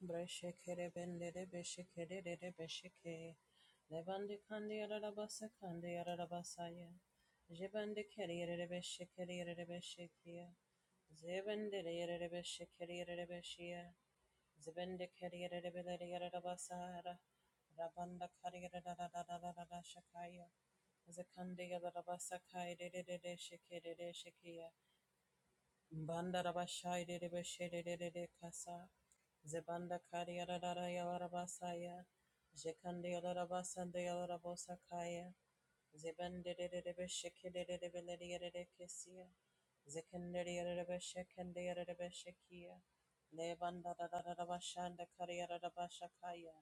Breshekere bendere beshekere rere besheke. Levande kandi yararabasa kandi yararabasaya. Jebande kere rere beshekere rere beshekia. Zebendere rere beshekere rere beshia. Zebende kere rere bendere yararabasara. Rabanda kari yarararararararashakaya. Zekande yararabasa kai rere rere shekere rere shekia. Bandarabashai de Beshede de de Kasa, Zebanda Kadiadara Yalarabasaya, Jekandi Alarabasa de Alarabosakaya, Zebende de Beshekede de Beledia de Kesia, Zekandaria de Beshekandia de Beshekia, Levanda Rabashanda Kadiada Bashakaya,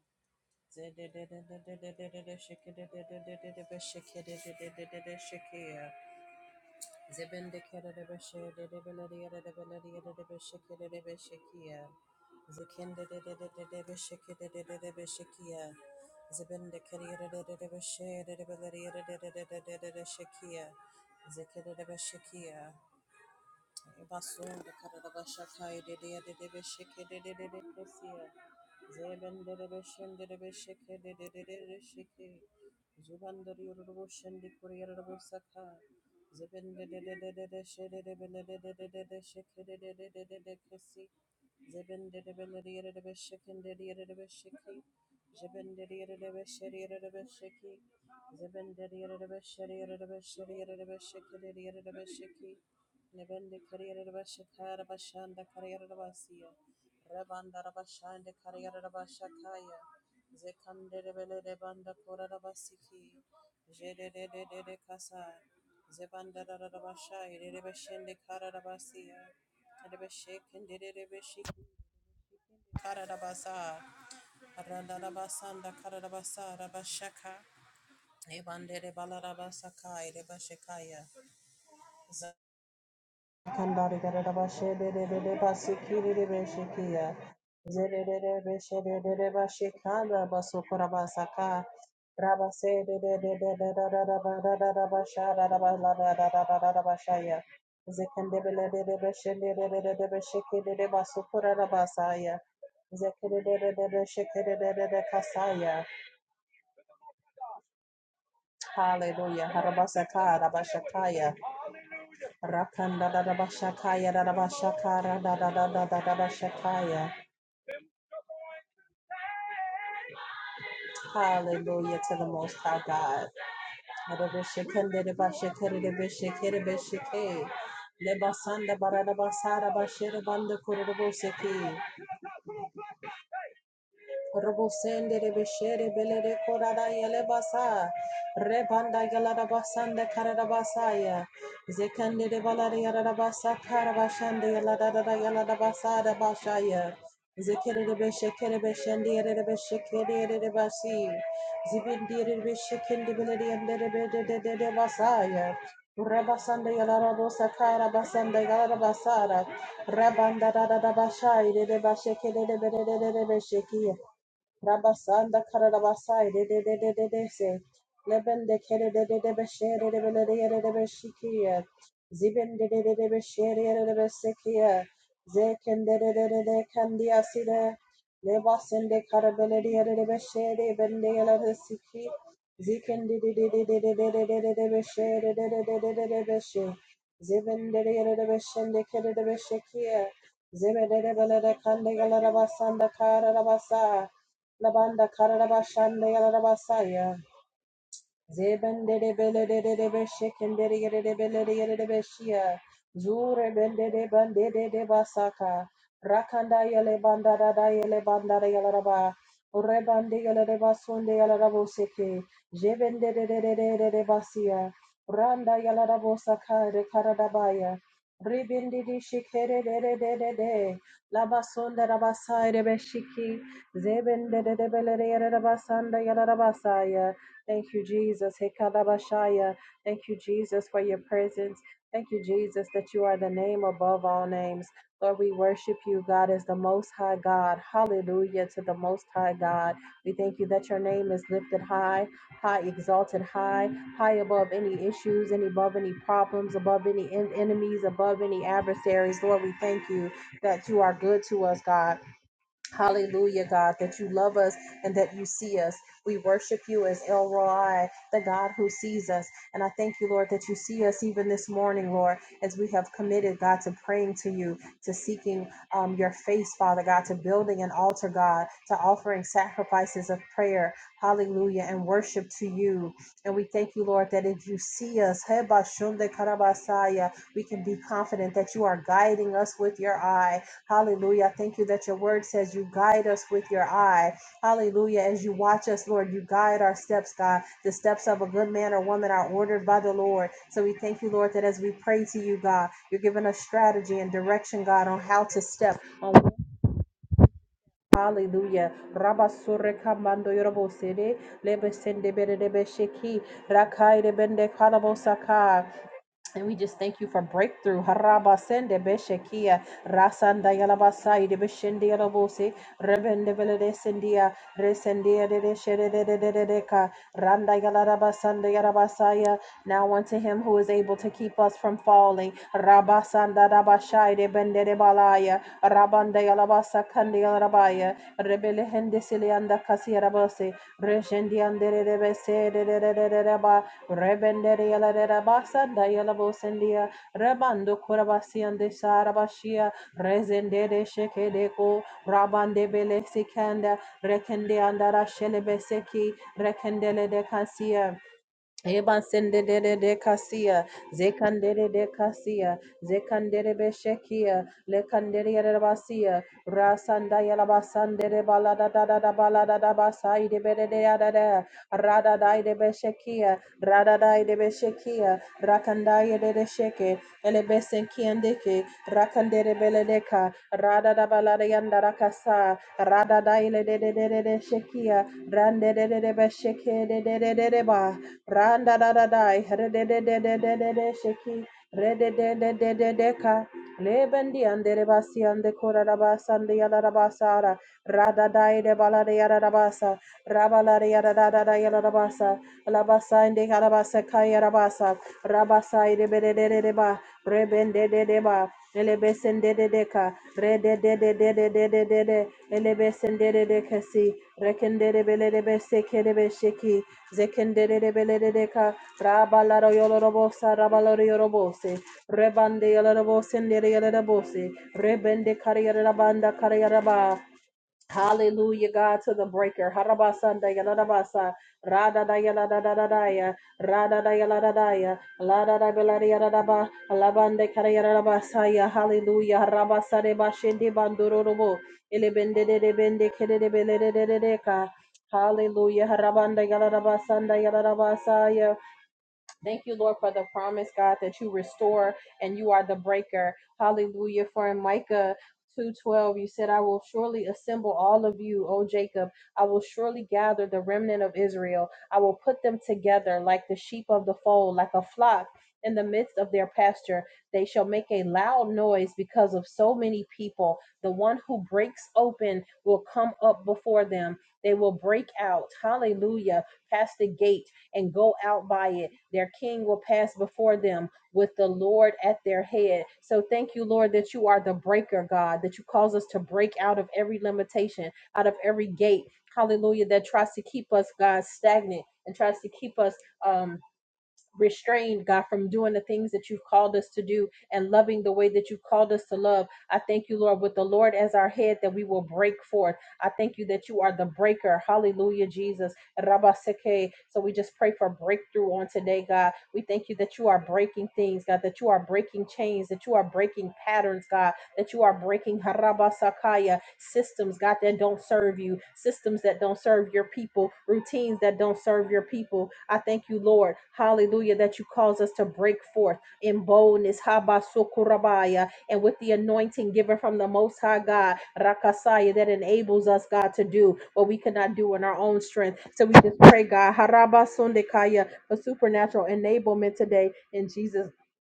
Zedede de de de de de de de Shekede de de de de Beshekede de de de de Shekia. Zebende kerere beshe de de beleri yere de beleri yere de beshe kerere beshe kiya. Zekende de de de de de beshe kere de de de beshe kiya. Zebende kerere de de de beshe de de beleri yere de de de de de de de shekiya. Zekere de beshe kiya. Basun de kerere beshe kaya de de de de beshe kere de de de de siya. Zebendebeshekere Zibindidibishiki. Jibindidibishiki. shanda Nibindi Kariyarabashikara Bashanda Kariyarabasiya. Rabanda of a shanda career of a shakaya, Zekan did ability banda Rabashanda Kariyarabashakaya. Zekandedebele Debanda Kurabasiki. Jedededede Kasa. Zebanda of a shai Rabashai Rebeshende Karabasiya. Karadabasa, Randarabasanda Karadabasa, Rabashaka, Ebandere Balarabasaka, Rebashekaya, Kandari gara ba she de de de de ba si ki de de be she ki ya. Ze de de de be she de de de ba she kanda ba so kora ba saka. Raba se de de de de de da da da ba da da da ba sha da da ba la da da da da da da ba sha ya. Ze de de be de de de de de de de ba so de de de de de de de de de Hallelujah. Harabasaka, Rabashakaya. Rakanda da da bashakaya Hallelujah to the Most High God. Adabashakanda da bashakara da bashakara bashake. Le basanda Robo sende de beshere bele de korada yele basa. Rebanda yalara basanda karada basaya. Zekende de balada yara basa karabashande yalada da yalada basada bashaya. Zekere de beşekere beşende yere de beşekere yere de basi. Zibindi yere de beşekende bele de yendere be de de de de basaya. Rabasanda yalara bosa kara basanda yalara basara. Rabanda da da da başa ile de başekere de bele de de de beşeki. Rabasanda Karabasai de de de de de de se Leben de Kere de de de Beshere de Belere de Beshikia Ziben de de de de Beshere de Besekia Zeken de de de de de Kandia Sida Lebasen de Karabele de Beshere Bende Yala de Siki Ziken de de de de de de de de de de Beshere de de de de de de Beshe Ziben de de de Beshen de Kere de Beshikia Zebe de de Belere Kandigala Rabasanda Karabasa Labanda Karabashanda Yarabasaya. Zebendere belere beşekendere yere belere beşiya. Zure bendere bandere de basaka. Rakanda yele bandara da yele bandara yalaraba. Rebande yelere basunde yalarabo seke. Jebendere de basiya. Randa yalarabo saka de karadabaya. Ribindi di şikere de de de de de. Labasunda rabasayre beşiki. Zebendere belere yere yalarabasaya. Thank you, Jesus. Hekalabashaya. Thank you, Jesus, for your presence. Thank you, Jesus, that you are the name above all names. Lord, we worship you, God, as the Most High God. Hallelujah to the Most High God. We thank you that your name is lifted high, high, exalted high, high above any issues, and above any problems, above any en- enemies, above any adversaries. Lord, we thank you that you are good to us, God. Hallelujah, God, that you love us and that you see us. We worship you as El Roi, the God who sees us. And I thank you, Lord, that you see us even this morning, Lord, as we have committed, God, to praying to you, to seeking um, your face, Father God, to building an altar, God, to offering sacrifices of prayer, hallelujah, and worship to you. And we thank you, Lord, that if you see us, Heba Shunde Karabasaya, we can be confident that you are guiding us with your eye Hallelujah. I Thank you that your word says you guide us with your eye. Hallelujah. As you watch us, Lord, you guide our steps, God. The steps of a good man or woman are ordered by the Lord. So we thank you, Lord, that as we pray to you, God, you're giving us strategy and direction, God, on how to step on Hallelujah. Rabba surreka mando yorobo sede lebe sende bere debe sheki rakai de bende kalabo saka. And we just thank you for breakthrough. Harabasende beshekia rasanda yalabasai de beshende yalabose rebende velede sendia resendia de de shede de de de de de ka randa yalarabasanda yarabasaya. Now unto him who is able to keep us from falling. Rabasanda rabashai de bende de balaya rabanda yalabasa kandi yalarabaya rebele hende silianda kasi yarabose reshendi andere de bese de de de de de ba Rebenderia la de Rabasanda Yalabosendia, Rabando Kurabasian de Sarabashia, Rezende de Shekedeko, Rabande Bele Sikanda, Rekende Andara Shelebeseki, Rekendele de Kasia. Eban sendere de de kasia, zekandere de kasia, zekandere beshekia, lekandere yarabasia, rasanda yarabasandere balada da da da balada da basai de bere de da da, rada dai de beshekia, rada dai de beshekia, rakandaya de de sheke, elebesenkiandeke, rakandere beledeka, rada da balada yanda rakasa, rada dai le de de de de de shekia, rande de de de besheke de de de de de ba. Randa da da da, re de de de de de de de sheki, re de de de de de de ka, le ande re ande kora da ande yala da ara, ra da da e de bala de yara da basa, de yara da da da yala da basa, la basa ande yala basa ka yara basa, ra basa e de be de de de de ba, re de de de ba, ele de de de ka, re de de de de de de de de de, ele de de de kasi, reken de de be de be se be sheki, Zekenderebeleka, Rabalaro Yolorobosa, Rabalaro Yorobose, Rebande Yolorobose, Nere Yolorobose, Rebende Kariarabanda ba. Hallelujah, God, to the breaker. Harabasanda yaladabasa. Rada da yaladadadaya. Rada da yaladadaya. Lada da beladiyadadaba. Alabande karayadadabasaya. Hallelujah. Harabasade bashindi bandururubu. Ilibende de de bende kede de belede de de de deka. Hallelujah. Harabanda yaladabasanda yaladabasaya. Thank you, Lord, for the promise, God, that you restore and you are the breaker. Hallelujah. For in Micah 2:12, you said, I will surely assemble all of you, O Jacob. I will surely gather the remnant of Israel. I will put them together like the sheep of the fold, like a flock in the midst of their pasture. They shall make a loud noise because of so many people. The one who breaks open will come up before them. They will break out, hallelujah, past the gate and go out by it. Their king will pass before them with the Lord at their head. So thank you, Lord, that you are the breaker, God, that you cause us to break out of every limitation, out of every gate. Hallelujah, that tries to keep us, God, stagnant and tries to keep us um restrained, God, from doing the things that you've called us to do and loving the way that you've called us to love. I thank you, Lord, with the Lord as our head that we will break forth. I thank you that you are the breaker. Hallelujah, Jesus. Rabaseke. So we just pray for breakthrough on today, God. We thank you that you are breaking things, God, that you are breaking chains, that you are breaking patterns, God, that you are breaking harabasakaya systems, God, that don't serve you, systems that don't serve your people, routines that don't serve your people. I thank you, Lord. Hallelujah, that you cause us to break forth in boldness, habasukurabaya, and with the anointing given from the Most High God, rakasaya, that enables us, God, to do what we cannot do in our own strength. So we just pray, God, harabasundekaya, for supernatural enablement today in Jesus.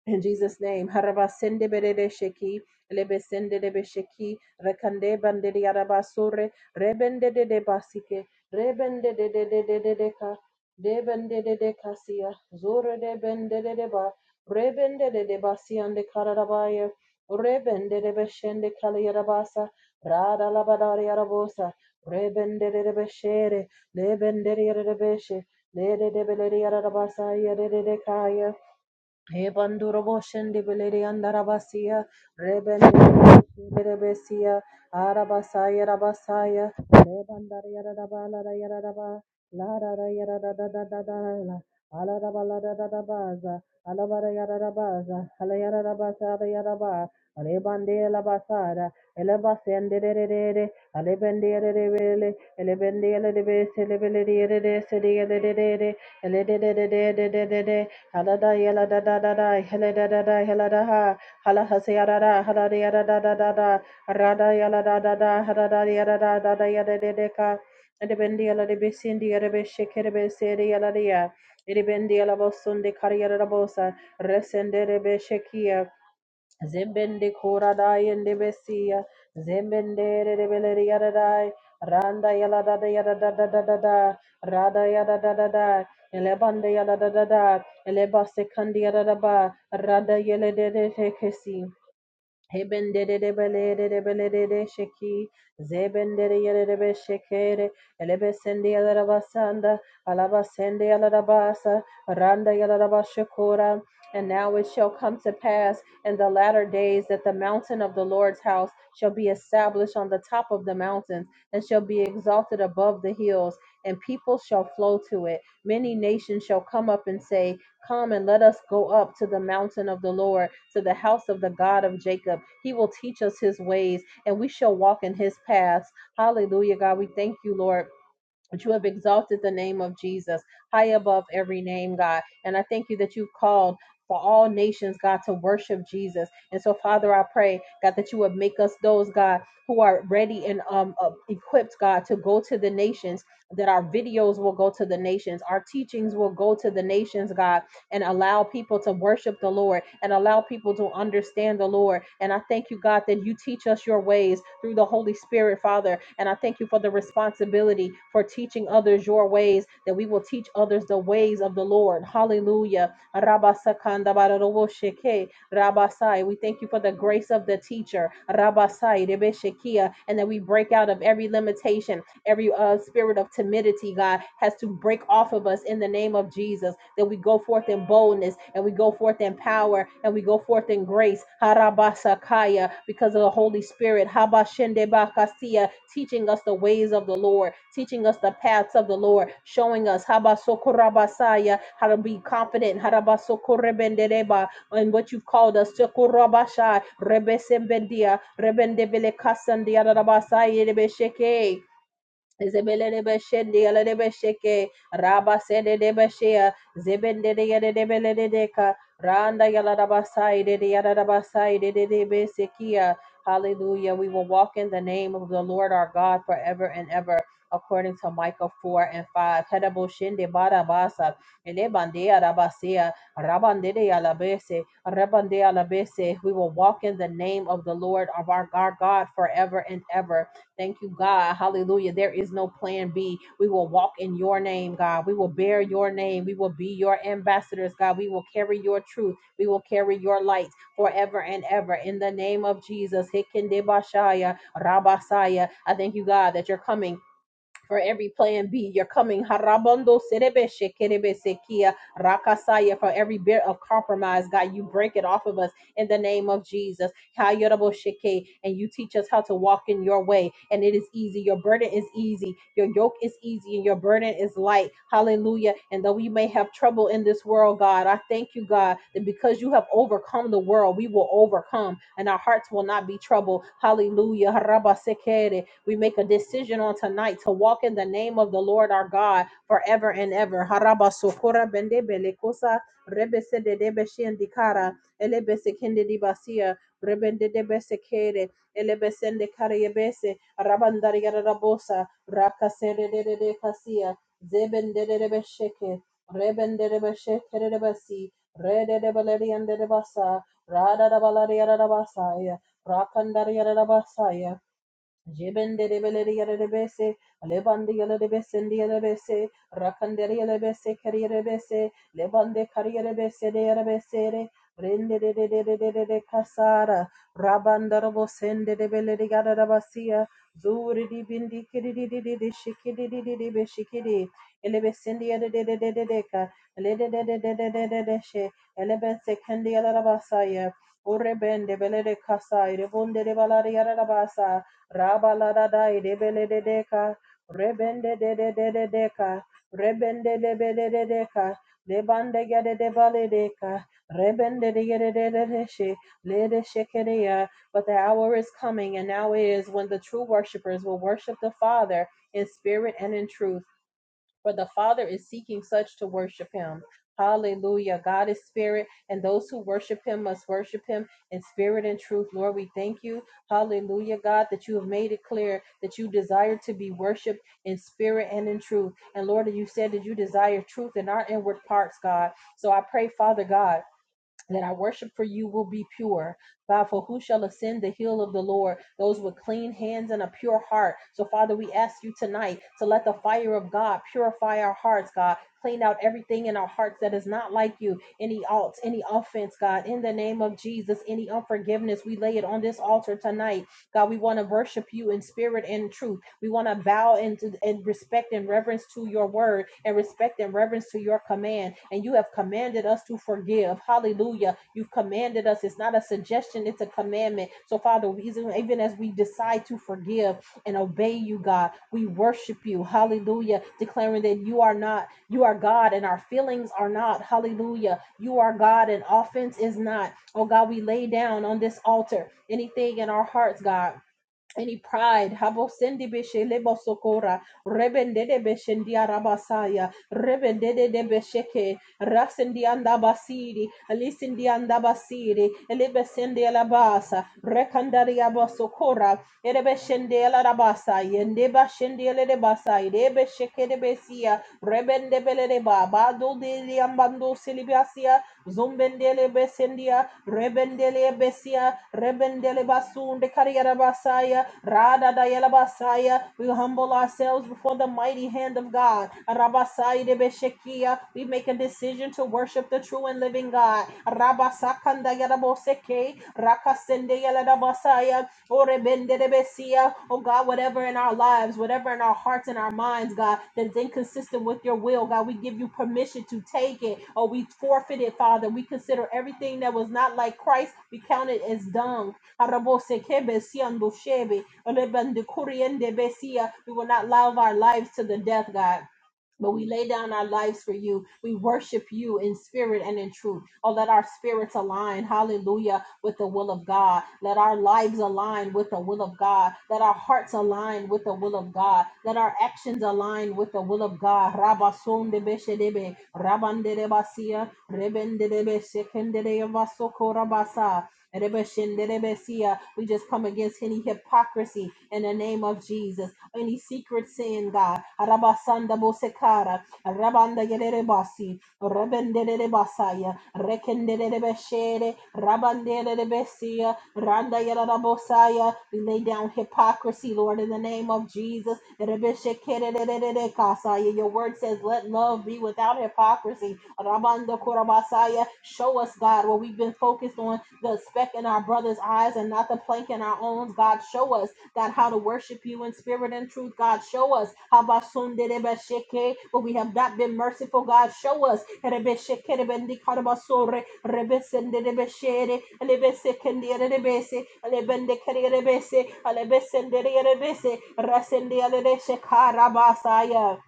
In Jesus' name, Harabasendebedesheki. Lebesende de Besheki, Rekande Bande de Arabasore, Rebende de de Basike, Rebende de de de de de Deca, Debende de de Cassia, Zore de Bende de Deba, Rebende de de Basian de Carabaya, Rebende de Beshende Caliarabasa, Rada Labadaria Rabosa, Rebende de Beshere, Lebende de Beshe, Lede de Beleria Rabasa, Yede de Kaya. Ebanduroboshendibiliri andarabasia, rebendirebesia, arabasaya rabasaya, rebandariyarabala rayaraba, lararayarabadadadadala, alarabaladadadabaza, alabarayarabaza, alayarabasa rayaraba, alebandelabasara, elebasendererere, alebendererebele, elebendelebeselebeleriyerereseriyerere, elededededededede, Halada yala da da da da, hele da da da, hele da ha, hala hase yada da, hala da yada da da da da, rada yala da da da, hada da yada da da da yada de de ka, ede bendi yala de besindi yada be şekeri be seri yala de ya, de bendi yala bosun de kari yada da bosa, resende de be şekiya, Zembende koradai ende besia. Zembende rebeleri yadadai. Randa yala da da yada da da da da da. Rada yada da da da. Elebande yada da da da. Eleba sekandi yada da ba. Rada yele de de te kesi. Hebendedebelede sheki, zebendede yedebe shekere, elebesende yalarabasanda, alabasende basa randa yalarabashakura. And now it shall come to pass in the latter days that the mountain of the Lord's house shall be established on the top of the mountains and shall be exalted above the hills, and people shall flow to it. Many nations shall come up and say, Come and let us go up to the mountain of the Lord, to the house of the God of Jacob. He will teach us his ways, and we shall walk in his paths. Hallelujah, God. We thank you, Lord. That you have exalted the name of Jesus high above every name, God. And I thank you that you've called for all nations, God, to worship Jesus. And so, Father, I pray, God, that you would make us those, God, who are ready and um uh, equipped, God, to go to the nations, that our videos will go to the nations, our teachings will go to the nations, God and allow people to worship the Lord and allow people to understand the Lord. And I thank you, God, that you teach us your ways through the Holy Spirit, Father. And I thank you for the responsibility for teaching others your ways, that we will teach others the ways of the Lord. Hallelujah. Rabasakandabaroroboshike, Rabasai. We thank you for the grace of the teacher, Rabasai, Rebeshekia, and that we break out of every limitation every uh, spirit of timidity, God, has to break off of us in the name of Jesus. That we go forth in boldness and we go forth in power and we go forth in grace. Harabasakaya, because of the Holy Spirit. Habashendebakasia, teaching us the ways of the Lord, teaching us the paths of the Lord, showing us habasokorabasaya, how to be confident. Harabasokorebendereba, in what you've called us. Sokorabasha, rebesembendia, rebendebelekasandia, rarabasaya, rebesheke. Zebele de beshendi ala de besheke de beshea zebende de yede de bele randa yala de de yada de de de besekia. Hallelujah. We will walk in the name of the Lord our God forever and ever. According to Micah 4 and 5. Hedabo Barabasa, bada basa. Rabande de ala Rabande ala We will walk in the name of the Lord of our our God forever and ever. Thank you, God. Hallelujah. There is no plan B. We will walk in your name, God. We will bear your name. We will be your ambassadors, God. We will carry your truth. We will carry your light forever and ever. In the name of Jesus. Hikindebashaya, Rabasaya. I thank you, God, that you're coming. For every plan B, you're coming. Harabondo serebe shekerebe sekia rakasaya. For every bit of compromise, God, you break it off of us in the name of Jesus. Hayorobo sheke, And you teach us how to walk in your way. And it is easy. Your burden is easy. Your yoke is easy and your burden is light. Hallelujah. And though we may have trouble in this world, God, I thank you, God, that because you have overcome the world, we will overcome and our hearts will not be troubled. Hallelujah. Haraba Harabasekere. We make a decision on tonight to walk in the name of the Lord our God forever and ever. Haraba sokora bende belekosa rebe sede debe shiendikara elebe sekende dibasia rebende debe sekere elebe sende yebese rabandari rabosa rakasere de de kasia zebende de debe rebende debe de debasi rede de baleri ande debasa rada da baleri rabasaya rakandari rabasaya Jibendere belere yere bese, lebande yere bese ndi yere bese, rakandere yere bese kere yere bese, lebande kare yere bese de yere bese re, brende de de de de de de de kasara, rabanda robo sende de belere yere rabasiya, zuri di bindi kiri di di di di shiki di di di di be shiki di, ele bese ndi yere de de de de de ka, le de de de de de de de de she, ele bese kendi yere rabasaya, Ore bende belere kasai, rebonde de balare yere rabasa, Rabaladada Edebeledeka, Rebende de de de de deca, Rebende de de de deca, Lebande gede de valideca, Rebende de gede de de she, Lede shekeria. But the hour is coming, and now is when the true worshipers will worship the Father in spirit and in truth for the Father is seeking such to worship him. Hallelujah. God is spirit, and those who worship him must worship him in spirit and truth. Lord, we thank you. Hallelujah, God, that you have made it clear that you desire to be worshiped in spirit and in truth. And Lord, you said that you desire truth in our inward parts, God. So I pray, Father God that our worship for you will be pure. God, for who shall ascend the hill of the Lord? Those with clean hands and a pure heart. So, Father, we ask you tonight to let the fire of God purify our hearts, God. Clean out everything in our hearts that is not like you. Any alt, any offense, God, in the name of Jesus, any unforgiveness, we lay it on this altar tonight. God, we want to worship you in spirit and in truth. We want to bow into and respect and reverence to your word and respect and reverence to your command. And you have commanded us to forgive. Hallelujah. You've commanded us. It's not a suggestion, it's a commandment. So, Father, even as we decide to forgive and obey you, God, we worship you. Hallelujah. Declaring that you are not, you are God and our feelings are not. Hallelujah. You are God and offense is not. Oh God, we lay down on this altar anything in our hearts, God. Any pride, habo beshe lebo sokora, rebende de beshendia rabasaya, rebende de besheke, rasendi anda basiri, alisendi anda basiri, elebesendi alabasa, rekandari abasokora, erebeshendi alabasa, yende bashendi alabasa, rebesheke de besia, rebende bele de ba, bado de liambando silibasia, Zumbendele besendia, rebendele besia, rebendele basunde kariera basaya, rada dayala basaya. We humble ourselves before the mighty hand of God. Rabasai de beshekia. We make a decision to worship the true and living God. Rabasakanda Yadaboseke, Rakasende Yadabasaya, Orebende de Besia. Oh God, whatever in our lives, whatever in our hearts and our minds, God, that is inconsistent with your will, God, we give you permission to take it or we forfeit it, Father. We consider everything that was not like Christ, we count it as dung. Araboseke Besian Boshebe, Orebende Kuriende Besia. We will not love our lives to the death, God. But we lay down our lives for you. We worship you in spirit and in truth. Oh, let our spirits align, hallelujah, with the will of God. Let our lives align with the will of God. Let our hearts align with the will of God. Let our actions align with the will of God. Rabasondebeshedebe, rabanderebasia, rebenderebeshekenderebasokorabasa. Erebeshenderebesia. We just come against any hypocrisy in the name of Jesus. Any secret sin, God. Arabasanda bosekara. Arabanda yererebasi. Rebendererebasaya. Rekendererebeshere. Rabandererebesia. Randa yerarabosaya. We lay down hypocrisy, Lord, in the name of Jesus. Erebeshekerererekasaya. Your word says, let love be without hypocrisy. Mando Korabasaya. Show us, God, where we've been focused on the speck in our brother's eyes and not the plank in our own. God, show us, God, how to worship you in spirit and truth. God, show us Habasunderebesheke, where we have not been merciful. God, show us Erebeshekerebendikadabasore, Rebesenderebeshere, Elebesekenderebese, Elebendekerebese, Elebesenderebese, Rasenderebeshekarabasaya.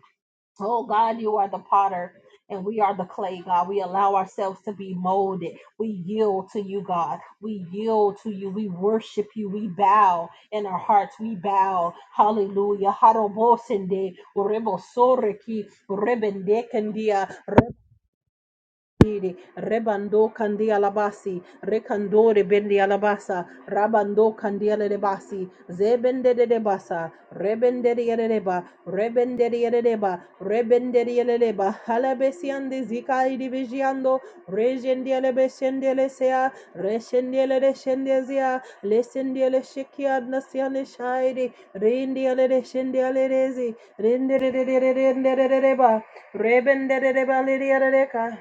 Oh God, you are the potter and we are the clay, God. We allow ourselves to be molded. We yield to you, God. We yield to you. We worship you. We bow in our hearts. We bow. Hallelujah. Harobosende, urebosoreki, urebendekendia, Bandidi, Rebando kandi alabasi. Rekandore bendi alabasa. Rabando kandi alabasi. Zebende de debasa. Rebende de yereba. Rebende de yereba. Rebende de yereba. Halabesiande zika idivigiando. Rejendiele beshendiele sea. Reshendiele reshendezia. Lesendiele shekia nasiane shaidi. Rindiele reshendiele rezi. Rindere de de de de de de de ba. Rebende de de ba lidiere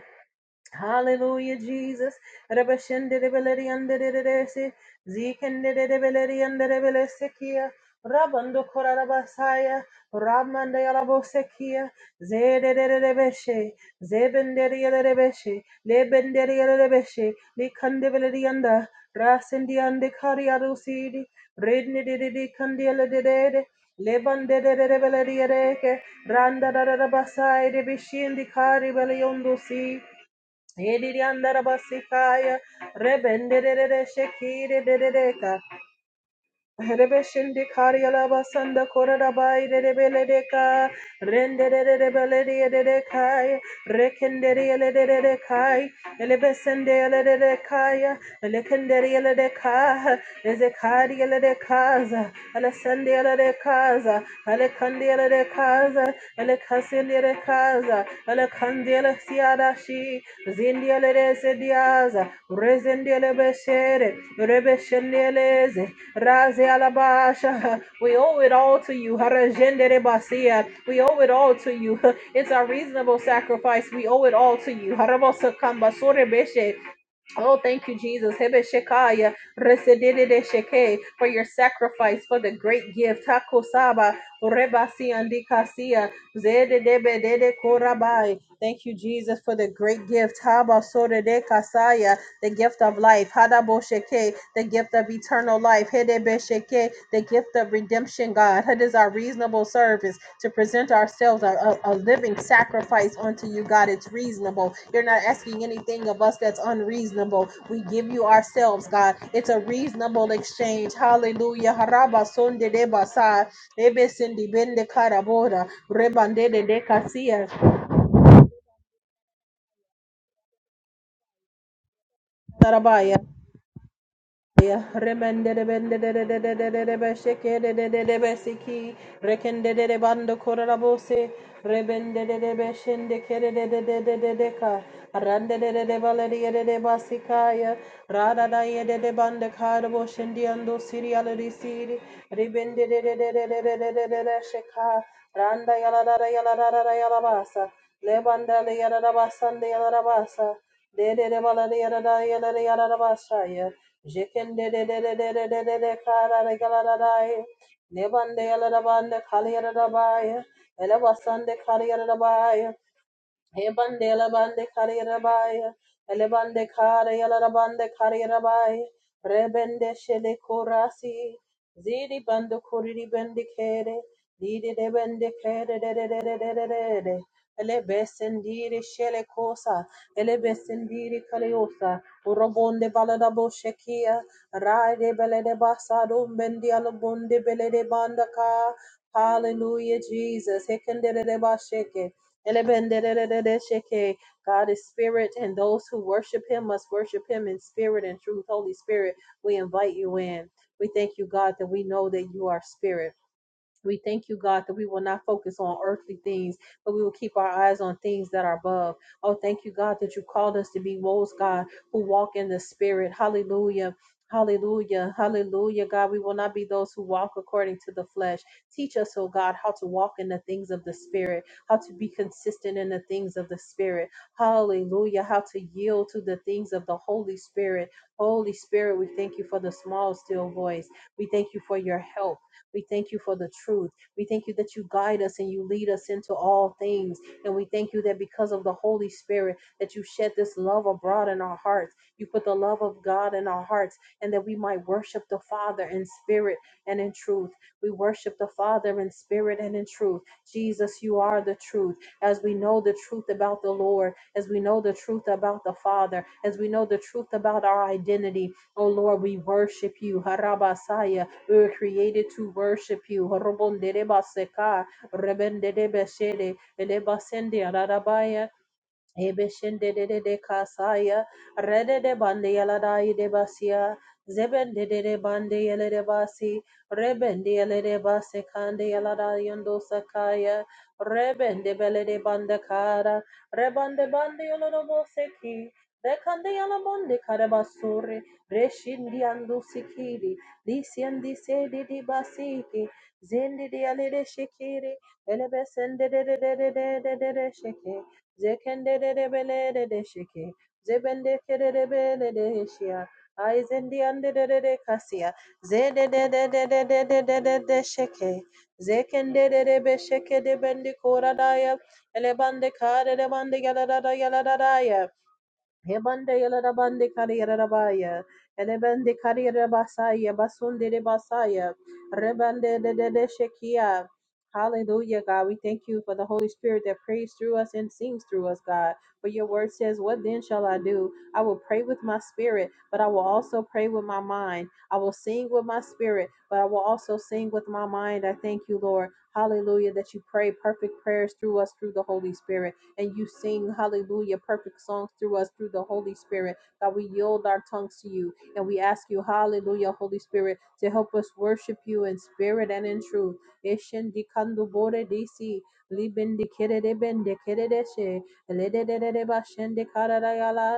Hallelujah, Jesus. Rabashendedebeledi andedededesi. Zikendedebeledi andedebelesekia. Rabando korarabasaya. Ramandayalabosekia. Zedededebeshe. Zebendediyelebeshe. Lebendediyelebeshe. Likandebeledi anda. Rasindi ande kariarusidi. Rednedededi kandiyelededede. Lebandededebeledi edeke. Randa da da da basai de bishindi kari beliondo Yedidiyandarabasikaya, rebendedede shekidedededeka, Rebeshinde Kariala Basanda Korabai de Rebeledeka, Rendere de Rebeledia de Kai, Rekenderia de Kai, Elebesendea de Kaya, Elekenderia de Ka, Ezekaria de Kaza, Alessandia de Kaza, Alecandia de Kaza, Alecasindia de Kaza, Alecandela Siada Shi, Zindia de Sediaza, Rezendia Beshere, Rebeshendeleze. Razi alabasha. We owe it all to you. Harajendere basia. We owe it all to you. It's a reasonable sacrifice. We owe it all to you. Harabosakamba sorebeshe. Oh, thank you, Jesus. Hebeshekaya. Resedededesheke. For your sacrifice, for the great gift. Hakosaba. Orebasiandikasia. Zededebedede korabai. Thank you, Jesus, for the great gift. Habasoredekasaya the gift of life, Hadaboshake, the gift of eternal life, Hedebeshake, the gift of redemption, God. It is our reasonable service to present ourselves a, a, a living sacrifice unto you, God. It's reasonable. You're not asking anything of us that's unreasonable. We give you ourselves, God. It's a reasonable exchange. Hallelujah. Harabasondedebasa, Ebesindibendekaraboda, Rebandededekasia, Sarabaya. Rebende rebende bande ka rande de de de valerie de de basikaya rada da ye de de bande karbo shendi ando sirial risiri rebende de de de de de de de de de de sheka Randa yalara yalara yalabasa, lebanda yalara basanda yalara basa, de yala da basa de de yalara yalara basa ya. Jekende de de de de de de de de kara de galadai. Nebande Kaliyarabaya, Elevasande Kaliyarabaya, he bande Ebande labande kare rabaya. Elebande kare yalarabande kare rabaya. Rebende shele korasi. Zidi bando kuriri bende kere. Didi de bende kere de de de de de de de de. Elebesendiri shele kosa. Elebesendiri kaleosa. Urobonde baladabo shekia. Raide belede basadum bendi alabonde belede bandaka. Hallelujah, Jesus. Hekendere de basheke. Elebendeleleleleshake. God is spirit, and those who worship him must worship him in spirit and truth. Holy Spirit, we invite you in. We thank you, God, that we know that you are spirit. We thank you, God, that we will not focus on earthly things, but we will keep our eyes on things that are above. Oh, thank you, God, that you called us to be those, God, who walk in the Spirit. Hallelujah. Hallelujah. Hallelujah, God. We will not be those who walk according to the flesh. Teach us, oh God, how to walk in the things of the Spirit, how to be consistent in the things of the Spirit. Hallelujah. How to yield to the things of the Holy Spirit. Holy Spirit, we thank you for the small, still voice. We thank you for your help. We thank you for the truth. We thank you that you guide us and you lead us into all things. And we thank you that because of the Holy Spirit, that you shed this love abroad in our hearts. You put the love of God in our hearts and that we might worship the Father in spirit and in truth. We worship the Father in spirit and in truth. Jesus, you are the truth. As we know the truth about the Lord, as we know the truth about the Father, as we know the truth about our identity, oh Lord, we worship you. Harabasaya. We were created to worship you. Horobonderebaseka, rebendedebeshede, elebasende, Ebeshende de de de kasaya, rede de bande yaladai de basia, zebende de de bande yele de basi, rebende yele de base kande yalada yondo sakaya, rebende bele de bande kara, rebande bande yolodo boseki, rekande yalamonde karabasuri, reshindi andu sikiri, disi andi sedi di basiki, zendi di yale de shikiri, elebesende de de de de de de de de sheke. Zekende de de bele de de shiki. Zebende kere de bele de hishia. Aizendi ande de de de kasia. Zede de de de de de de de de de sheke. Zekende de de be sheke de bendi kora daya. Elebande kare de bande yala da da yala da daya. Hebande yala bande kari yala baya. Elebande kari yala basaya. Basunde de basaya. Rebande de de de shekia. Hallelujah, God. We thank you for the Holy Spirit that prays through us and sings through us, God. For your word says, What then shall I do? I will pray with my spirit, but I will also pray with my mind. I will sing with my spirit, but I will also sing with my mind. I thank you, Lord. Hallelujah, that you pray perfect prayers through us through the Holy Spirit and you sing, hallelujah, perfect songs through us through the Holy Spirit. God, we yield our tongues to you and we ask you, hallelujah, Holy Spirit, to help us worship you in spirit and in truth. Eshen di kandu bore di si, liben di kere de ben de kere de she, le de de de de ba shen de kara da ya la.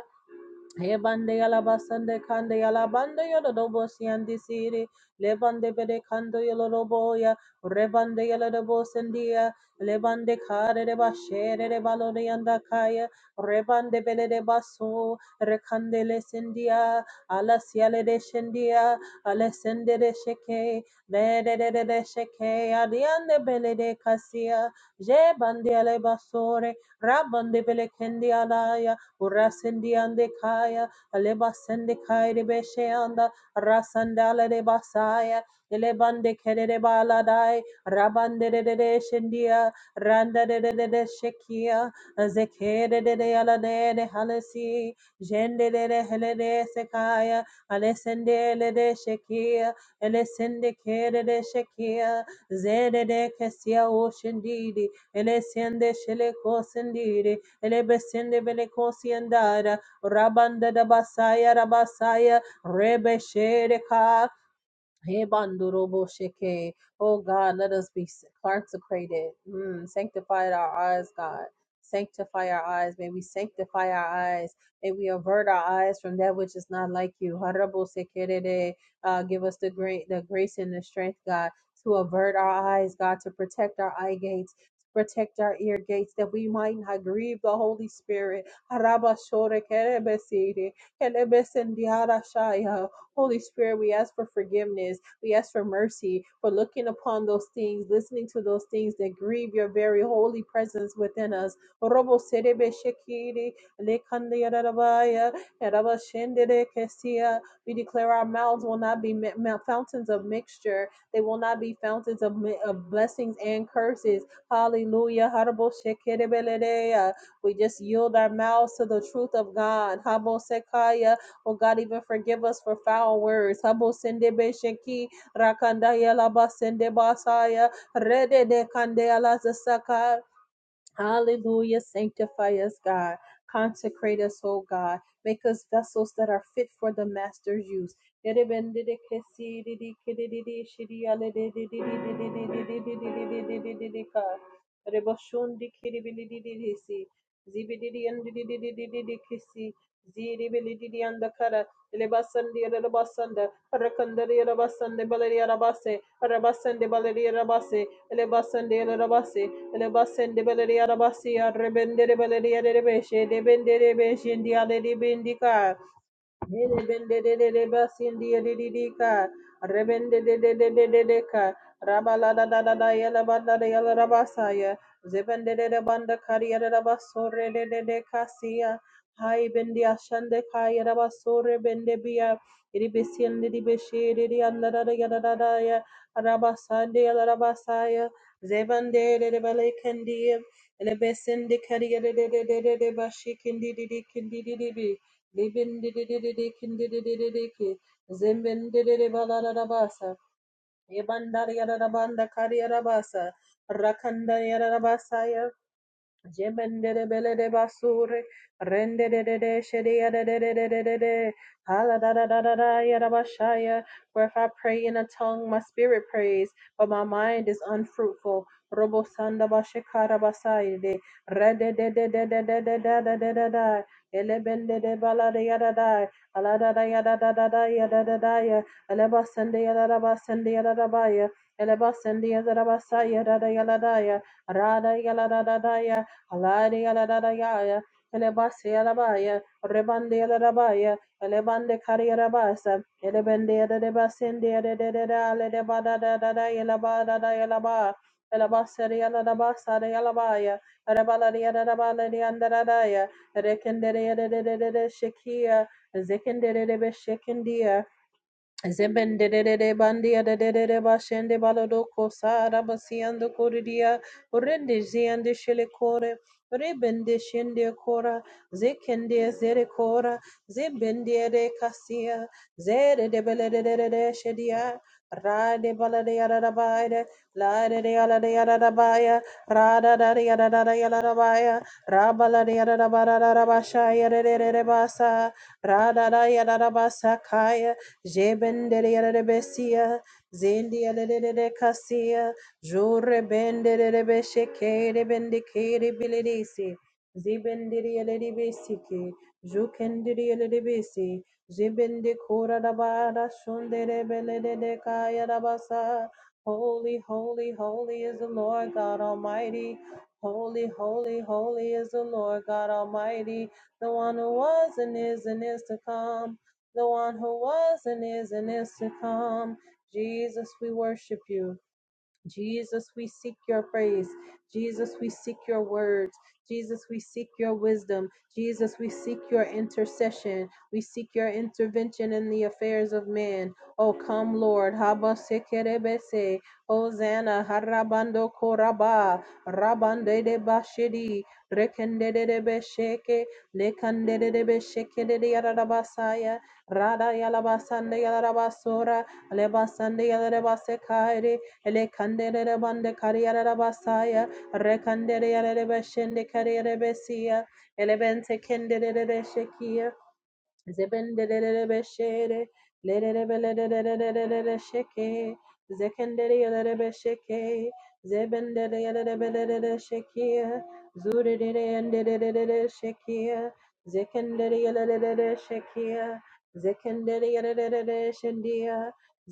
Hebande yala basande kande yala yalabando yolodobo siandi siri lebande bede kando yolodobo ya rebande yala yolodobo sendia lebande kare de bashere de balode yanda kaya rebande bele de baso rekande le sendia ala siale de shendia ala sende de sheke de de de de de sheke adiande bele de kasia je bande ale basore rabande bele kendi alaya Urasendi ande kaya. Aleba sende kaya de beshe anda. Rasandala de basaya. Elebande kere de baladai. Rabande de de de shendia. Randa de de de shekia. Zekere de de ala de de halesi. Jende de de hele de sekaya. Alesende le de shekia. Elesende kere de shekia. Zede de kesia oshindidi. Elesende shele kosindidi elebe sende bele kosiandara rabanda da basaya rabasaya rebe shere ka Hey, Bandorobo Sheke. Oh God, let us be consecrated. Mm, sanctify our eyes, God. Sanctify our eyes. May we sanctify our eyes. May we avert our eyes from that which is not like you. Harabo Sekerede. Uh, give us the great the grace and the strength, God, to avert our eyes, God, to protect our eye gates. to Protect our ear gates that we might not grieve the Holy Spirit. Haraba shore kerebesiri, kerebesendiara shaya. Holy Spirit, we ask for forgiveness. We ask for mercy for looking upon those things, listening to those things that grieve your very holy presence within us. Robo serebe shekiri, lekande yararabaya, yaraba shendere kesia. We declare our mouths will not be ma- ma- fountains of mixture. They will not be fountains of, mi- of blessings and curses. Hallelujah. Harabo shekerebeledeya. We just yield our mouths to the truth of God. Habo sekaya, Oh God, even forgive us for foul words. Habo sende be sheki rakanda yala ba basaya rede de kande ala zasaka Hallelujah. Sanctify us, God. Consecrate us, O God. Make us vessels that are fit for the Master's use. Elebasende beleri arabasi arrebendere beleri arabeshe debendere beşindi aleri bindika. Rebende de de de basindi de de de ka. Rebende de de de de de de ka. Yelebendedededebasindiyedididika. Rebendedededededeka. Rabaladadadada yelabadada yelarabasaya. Zebendededebandakariyerebasoredededekasiya. Hai bendi ashande kaya rabasore bende biya. Ribisindi di beshi de de anda da da yala da da ya. bendiyashandekayerebasorebendebiya. Iribisindidibishiririyandaradayadadadaya. Arabasandeyelarabasaya. Zebendededebalekendiye. Elebesindikariyerededededebashikindididikindididi. Libindididididikindididididiki. Zimbindididibalarabasa. Yebandariarabanda kariarabasa. Rakandariarabasa Jemendere bele de basuri, rende de de de shede de de de de de de de. Hala da da da da da ya For if I pray in a tongue, my spirit prays, but my mind is unfruitful. Robo sanda bashikara basai de. de de de de de de da da da da da. Ele de bala de ya da Ala da da ya da da da da da da ya. Ele basende ya da da basende ya da ba ya. Ele basende ya da da basaya da da ya da ya. Ra da da da da ya. Alari alararaya, elebasi alabaya, rebande alarabaya, elebande kariyarabasa, elebende yadadebasende yadadadada, aledebadadadada, elabadada, elaba, elabasari alarabasari alabaya, erebalari yadadabalari andaradaya, erekendere yadadadadada, shekiya, zekendere debe shekindiya, Zebendere bandia de de de bashende balodoko sara basiando koridia rende ziande shele kore rebende shende kora zekende zere kora zebende de kasia zere de bele de de de shedia rade balade yada da baide lade de yada de yada da baya rada da de yada da da yada da baya rabala de yada da ba da da da basha yada de de de basa rada da yada da basa kaya Jebendere Besia, Zendia de Cassia, Jure Bendere Beshekere Bendicere Bilidisi, Zibendiri Besiki, Jukendiri Besi, Jibendicura Dabada Shundere Belede de Kaya Dabasa. Holy, holy, holy is the Lord God Almighty. Holy, holy, holy is the Lord God Almighty, the one who was and is and is to come the one who was and is and is to come. Jesus, we worship you. Jesus, we seek your praise. Jesus, we seek your words. Jesus, we seek your wisdom. Jesus, we seek your intercession. We seek your intervention in the affairs of man. Oh, come, Lord. Haba sekerebese. Hosanna. Harabando koraba. Rabande de bashidi. Rekende de besheke. Lekande de besheke de yarabasaya. Rada yalabasande yarabasora. Lebasande yalabasekare ele kandere bande kariyara basaya rekandere yare beshende kariyara besia ele bente kendere Zebendelelebeshere, lelelebelelelelelelelesheke, zekendelelelebesheke, zebendeleleleleleleleshekia, zuredeleleleleleleleshekia, zekendeleleleleleleshekia, zekendeleleleleleleshendia,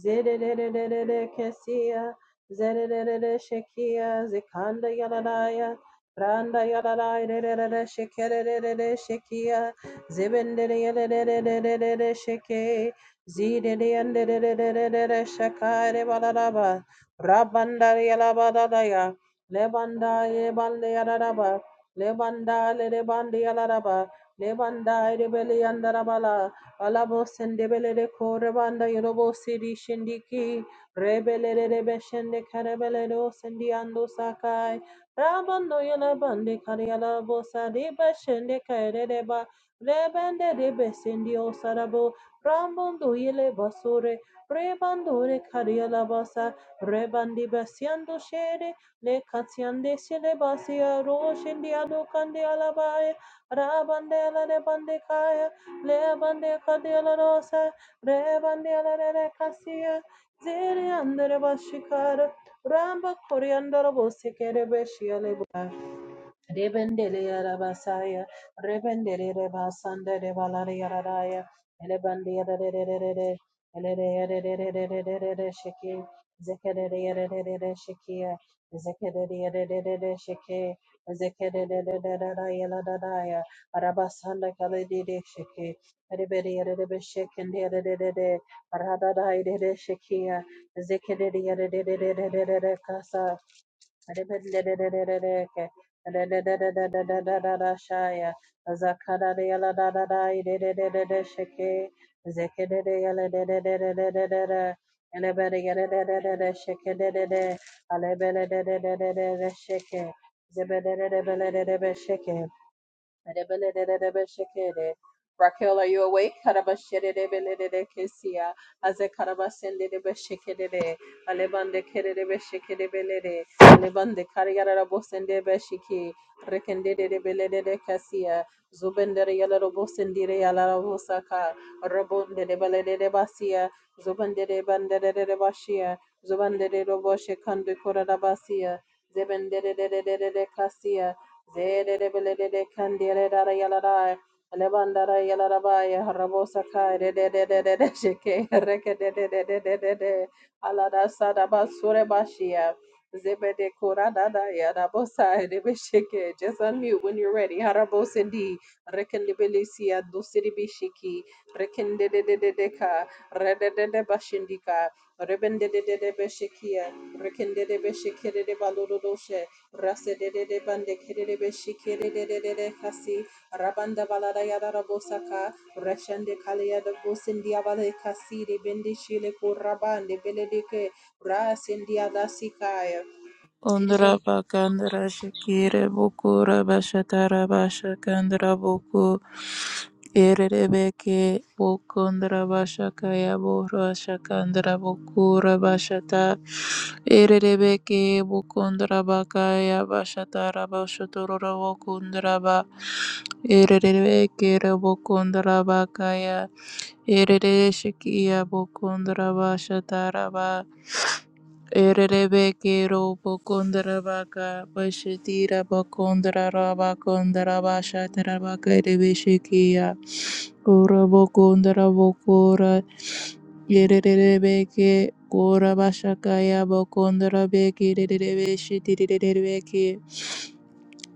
zedelelelelelekesia, zedeleleleleshekia, zekandayalalaya, brandayalalaya, leleleleleshekeleleleleshekia, Zebendere sheke, zidere yandere shakare balaraba, rabandare yalabadadaya, lebanda yebande yalaraba, lebanda lerebande yalaraba, lebanda rebele yandarabala, alabos and debele korebanda yorobo siri shindiki, rebele rebeshende karebele dos and diando sakai, rabando yalabande karialabos adibashende Kereba. Rebende rebesendio sarabo, rambonduile basore, rebandore cariala basa, rebandi basiando shere, le caziande sile basia roshendiado candiala bae, rabandela rebande caia, le bande cadiala rosa, rebandela re casia, zere andere bashikara, ramba coriandolo bose che rebescia le Rebendele yarabasaya, rebendele rebasanda rebalare yararaya, elebande yararererere, elere yararerererere sheke, zekerere yararerere shekiya, zekerere yararerere sheke, zekererererere yaladadaya, arabasanda kaledede sheke, rebere yararebe shekende yararerere, aradadai dede shekiya, zekerere yararererere kasa, Shaya Zakarayala Dadadai de Sheke Zekedeyala de Elebede Sheke de Alebele de Sheke Zebede Adebelelelelebeshekere. Raquel, are you awake? Karabashedebelelekesia. Aze karabasendebeshekerere. Alebande kerebeshekerebelere. Alebande kariyarabosendebeshiki. Rekendedebelelelekasia. Zubendere yalarabosendire yalarabosaka. Rabondedebelelebasia. Zubenderebanderebashia. Zubandere roboshekandekoradabasia. Zebendedebelelekasia. Zedebelede Candida Yaladai, Alebandara Yalabai, Rabosakai, Dedede Sheke, Rekedede, Alada Sadaba Surebashia, Zebede Kurada Yadabosa, de Debesheke. Just unmute when you're ready. Harabosindi, Rekendebelisia, Dusidibishiki, Rekendedeka, de de de deca, Rede de de Bashindika, Rebendede Beshikia, Rekendede Beshikede Balodoshe. Rasedede bande kerede beshi kerede de de de de kasi rabanda balada yada rabosaka rashande kalaya de bosindi abale kasi de bendi shile kurabande beledike rasindi ada sikaya Dejen- Ondra bakandra shikire bukura bashatara bashakandra buku irerebeke bukundra bashakaya bura shakandra bukura bashata irerebeke bukundra bakaya bashatara bashaturura bukundra ba irerebeke bukundra bakaya Erere shikia bokondra ba shatara ba. Erere bekero bokondra ba ka bashatira bokondra ra ba kondra ba shatara ba kerebe shikia. Ora bokondra bokora. erebe ke kora ba shakaya bokondra beke erere be shitirere beke.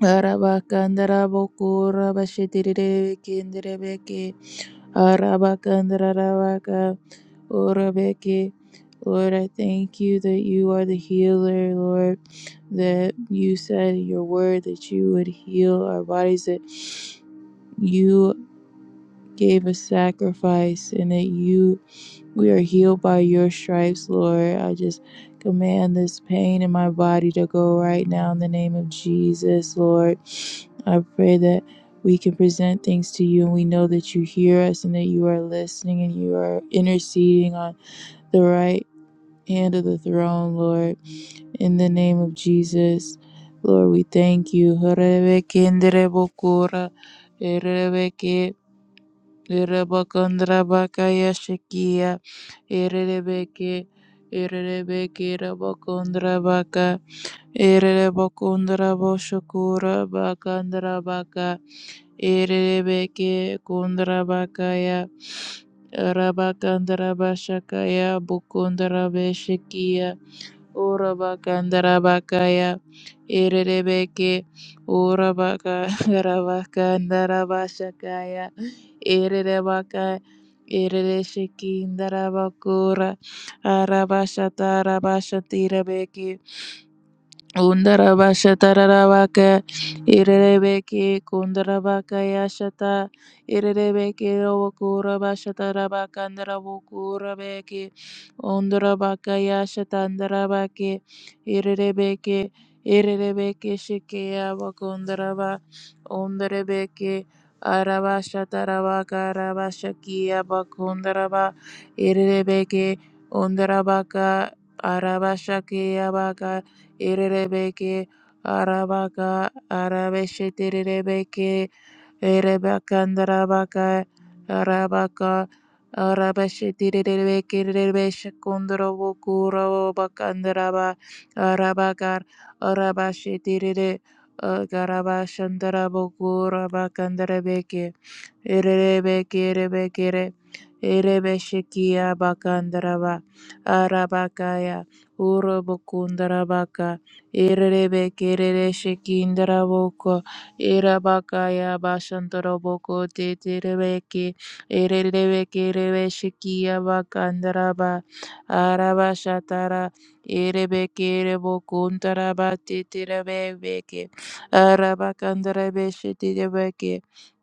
Arabakandara bokora bashitirere beke Arabakandarabaka, Orabeke. Lord, I thank you that you are the healer, Lord, that you said in your word that you would heal our bodies, that you gave a sacrifice and that you we are healed by your stripes, Lord. I just command this pain in my body to go right now in the name of Jesus, Lord. I pray that we can present things to you and we know that you hear us and that you are listening and you are interceding on the right hand of the throne, Lord. In the name of Jesus, Lord, we thank you. Irabakandra bakaya shakia. Irebeke. Irebeke rabakundra baka. Irebakundra boshakura bakandra baka. Irebeke kundra bakaya. Rabakandra bashakaya bukundra beshikia. Urabakandarabakaya Erebeke Urabakandarabashandarabaşakaya Erebaka Erereşekindarabakura Arabaşatarabashatirebeke Undarabashatararabaka Irerebeke Kundarabaka Yashata Irerebeke Rokura Bashatarabaka Ndarabukurabeke Undarabaka Yashata Ndarabake Irerebeke Irerebeke Shikea Bakundaraba Undarebeke Arabashatarabaka Rabashakia Bakundaraba Irerebeke Undarabaka Arabashakia Baka, Erebeke arabaka arabesheterebeke erebakandarabaka arabaka arabesheterebeke rebeshekondorobokurobakandaraba arabakar arabashetere garabashandarabokurabakandarabeker Erebe kerebe kere. Erebe shekia bakandaraba. Arabakaya. Urobokundarabaka. Erebe kerere shekindaraboko. Erabakaya bashantaraboko teterebeki. Erebe kerebe shekia bakandaraba. Arabashatara. Erebe kerebokuntaraba teterebeki. Arabakandarabe shetirebe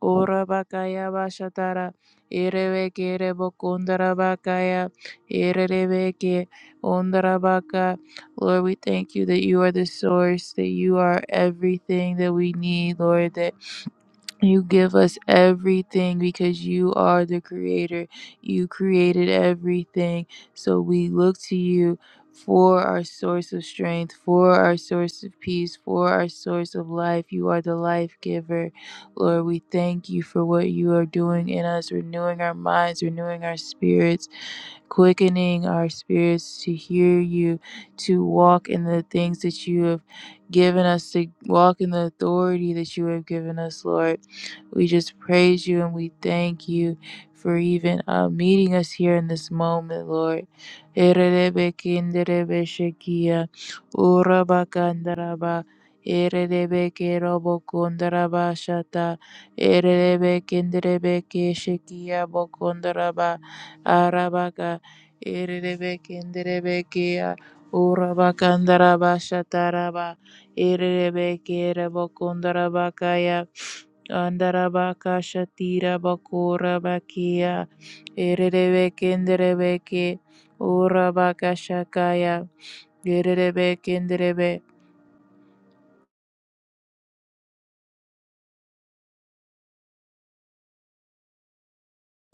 Ora bakaya bashatara ireveke rebokundara bakaya ireveke ondara baka. Lord, we thank you that you are the source, that you are everything that we need, Lord, that you give us everything because you are the creator. You created everything. So we look to you for our source of strength, for our source of peace, for our source of life. You are the life giver. Lord, we thank you for what you are doing in us, renewing our minds, renewing our spirits quickening our spirits to hear you, to walk in the things that you have given us, to walk in the authority that you have given us, Lord. We just praise you and we thank you for even uh, meeting us here in this moment, Lord. Ererebe kinderebe shekia, uraba kandaraba, ererebe kerobo kondaraba shata, ererebe kinderebe keshekia bokondaraba, arabaka. Erebeke nderebekea urabakandarabashataraba erebeke rebokundarabakaya andarabaka shatira bakurabakia erebeke nderebeke urabakashakaya erebeke nderebe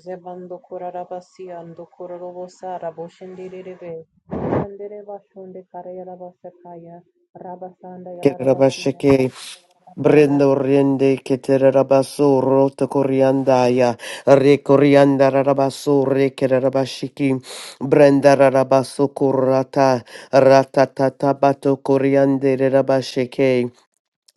zebando kurarabasi ando kurorobosa raboshindi rebe sandere bashonde karaya rabasakaya rabasanda yala rabasi Kerabasheke, Brendo Rende, Keterabaso, Roto Coriandaya, Recorianda Rabaso, Rekerabashiki, Brenda Rabaso Corata, Ratatata Bato Coriande Rabasheke,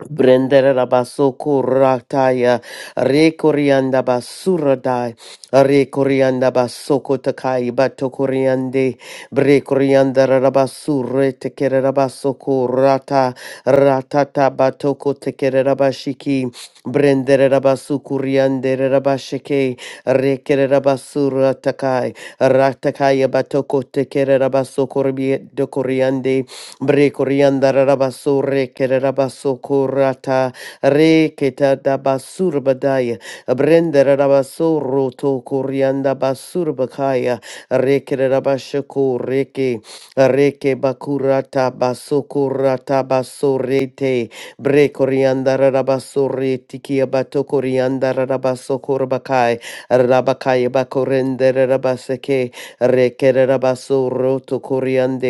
Brendere rabasoko rataya rekorianda basuradai rekorianda basoko takai batokoriande brekorianda rabasure tekere rabasoko rata ratata batoko tekere rabashiki brendere rabasukuriande rabashike rekere rabasura takai ratakaya batoko tekere rabasoko dokoriande Bre corianda rabaso re kererabaso korata re keta da basur badaya brendera rabaso roto corianda basur bakaya re kererabashako reke reke bakurata baso korata baso rete bre corianda rabaso re tikia bato corianda rabaso korbakai rabakai bakorendera rabaseke re kererabaso roto coriande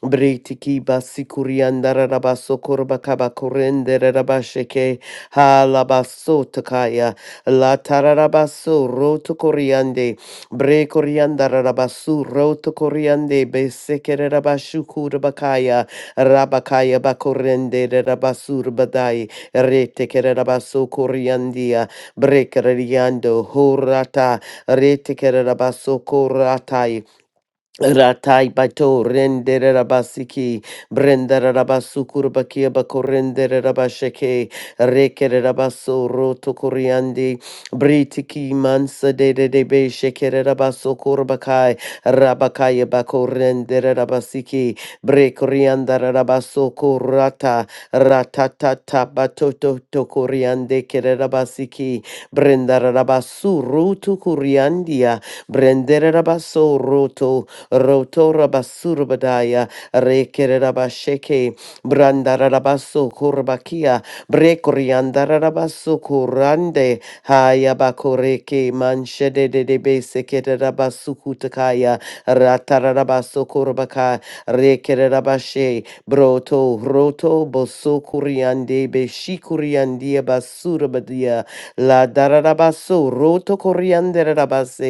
Britiki basikuriandara rabaso korbakaba korendere rabasheke halabaso takaya la tararabaso roto koriande bre koriandara rabasu roto koriande besekere rabashu kurbakaya rabakaya bakorendere rabasur badai retekere rabaso koriandia brekere riando horata retekere rabaso korata Ratai bato rendere rabasiki brendere rabasukur bakia bakorendere rabasheke rekere rabaso roto koriandi britiki mansa de de de be shekere rabaso korbakai rabakaya bakorendere rabasiki brekorianda rabaso korata ratatata batoto to koriande kere rabasiki brendere rabasu roto koriandia brendere rabaso roto rotora basurbadaya rekerabasheke brandarabasu kurbakia brekoriandarabasu kurande hayabakoreke manshede de besekerabasu kutakaya ratarabasu kurbaka rekerabashe broto roto boso kuriande beshikuriandia basurbadia la darabasu roto koriandarabase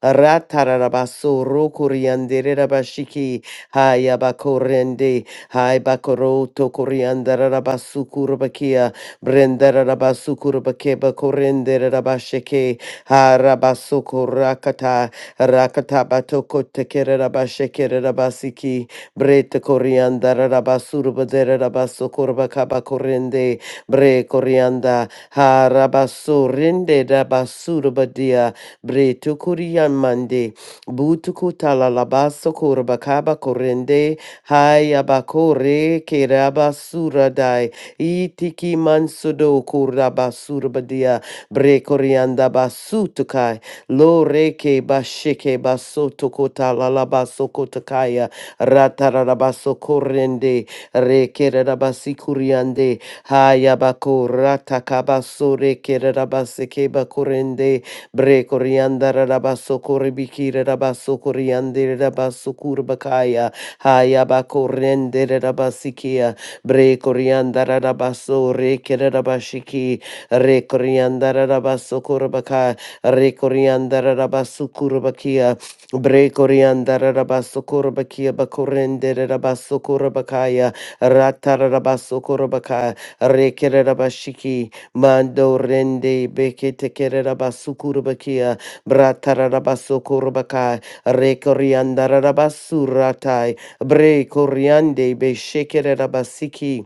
Ratarabaso rokoriandere rabashiki. Haya bakorende. Hai bakoroto koriandara rabasukurubakia kurabakia. Brendara rabasu kurabake bakorendere rabashike. Harabaso korakata. Rakata batoko tekere rabashekere rabasiki. Brete koriandara rabasurubadere rabaso kurabakaba korende. Bre korianda. Harabaso rende rabasurubadia. Bre tukurian mande. Butukutala labaso korabakaba korende. Hayabakore kerabasurada. Itiki mansudo kurabasurbadia. Bre korianda basutukai. Loreke bashike basotokotala labasokotakaya. Ratarabaso korende. Rekerabasi kuriande. Hayabako ratakabaso rekerabase keba korende. Bre coriandara rabasso corribicire rabasso coriandere rabasso curbacaia. Haya bacorrendere rabasikia. Bre coriandara rabasso recere rabashiki. Re coriandara rabasso corbaca. Re coriandara rabasso curbakia. Bre coriandara rabasso corbakia bacorrendere rabasso corbacaya. Ratara rabasso corbaca. Recere rabashiki. Mando rende bekete kerera basukurabakia. Bratararabaso kurbakai. Rekoriandarabasuratai. Bre koriande beshekerera basiki.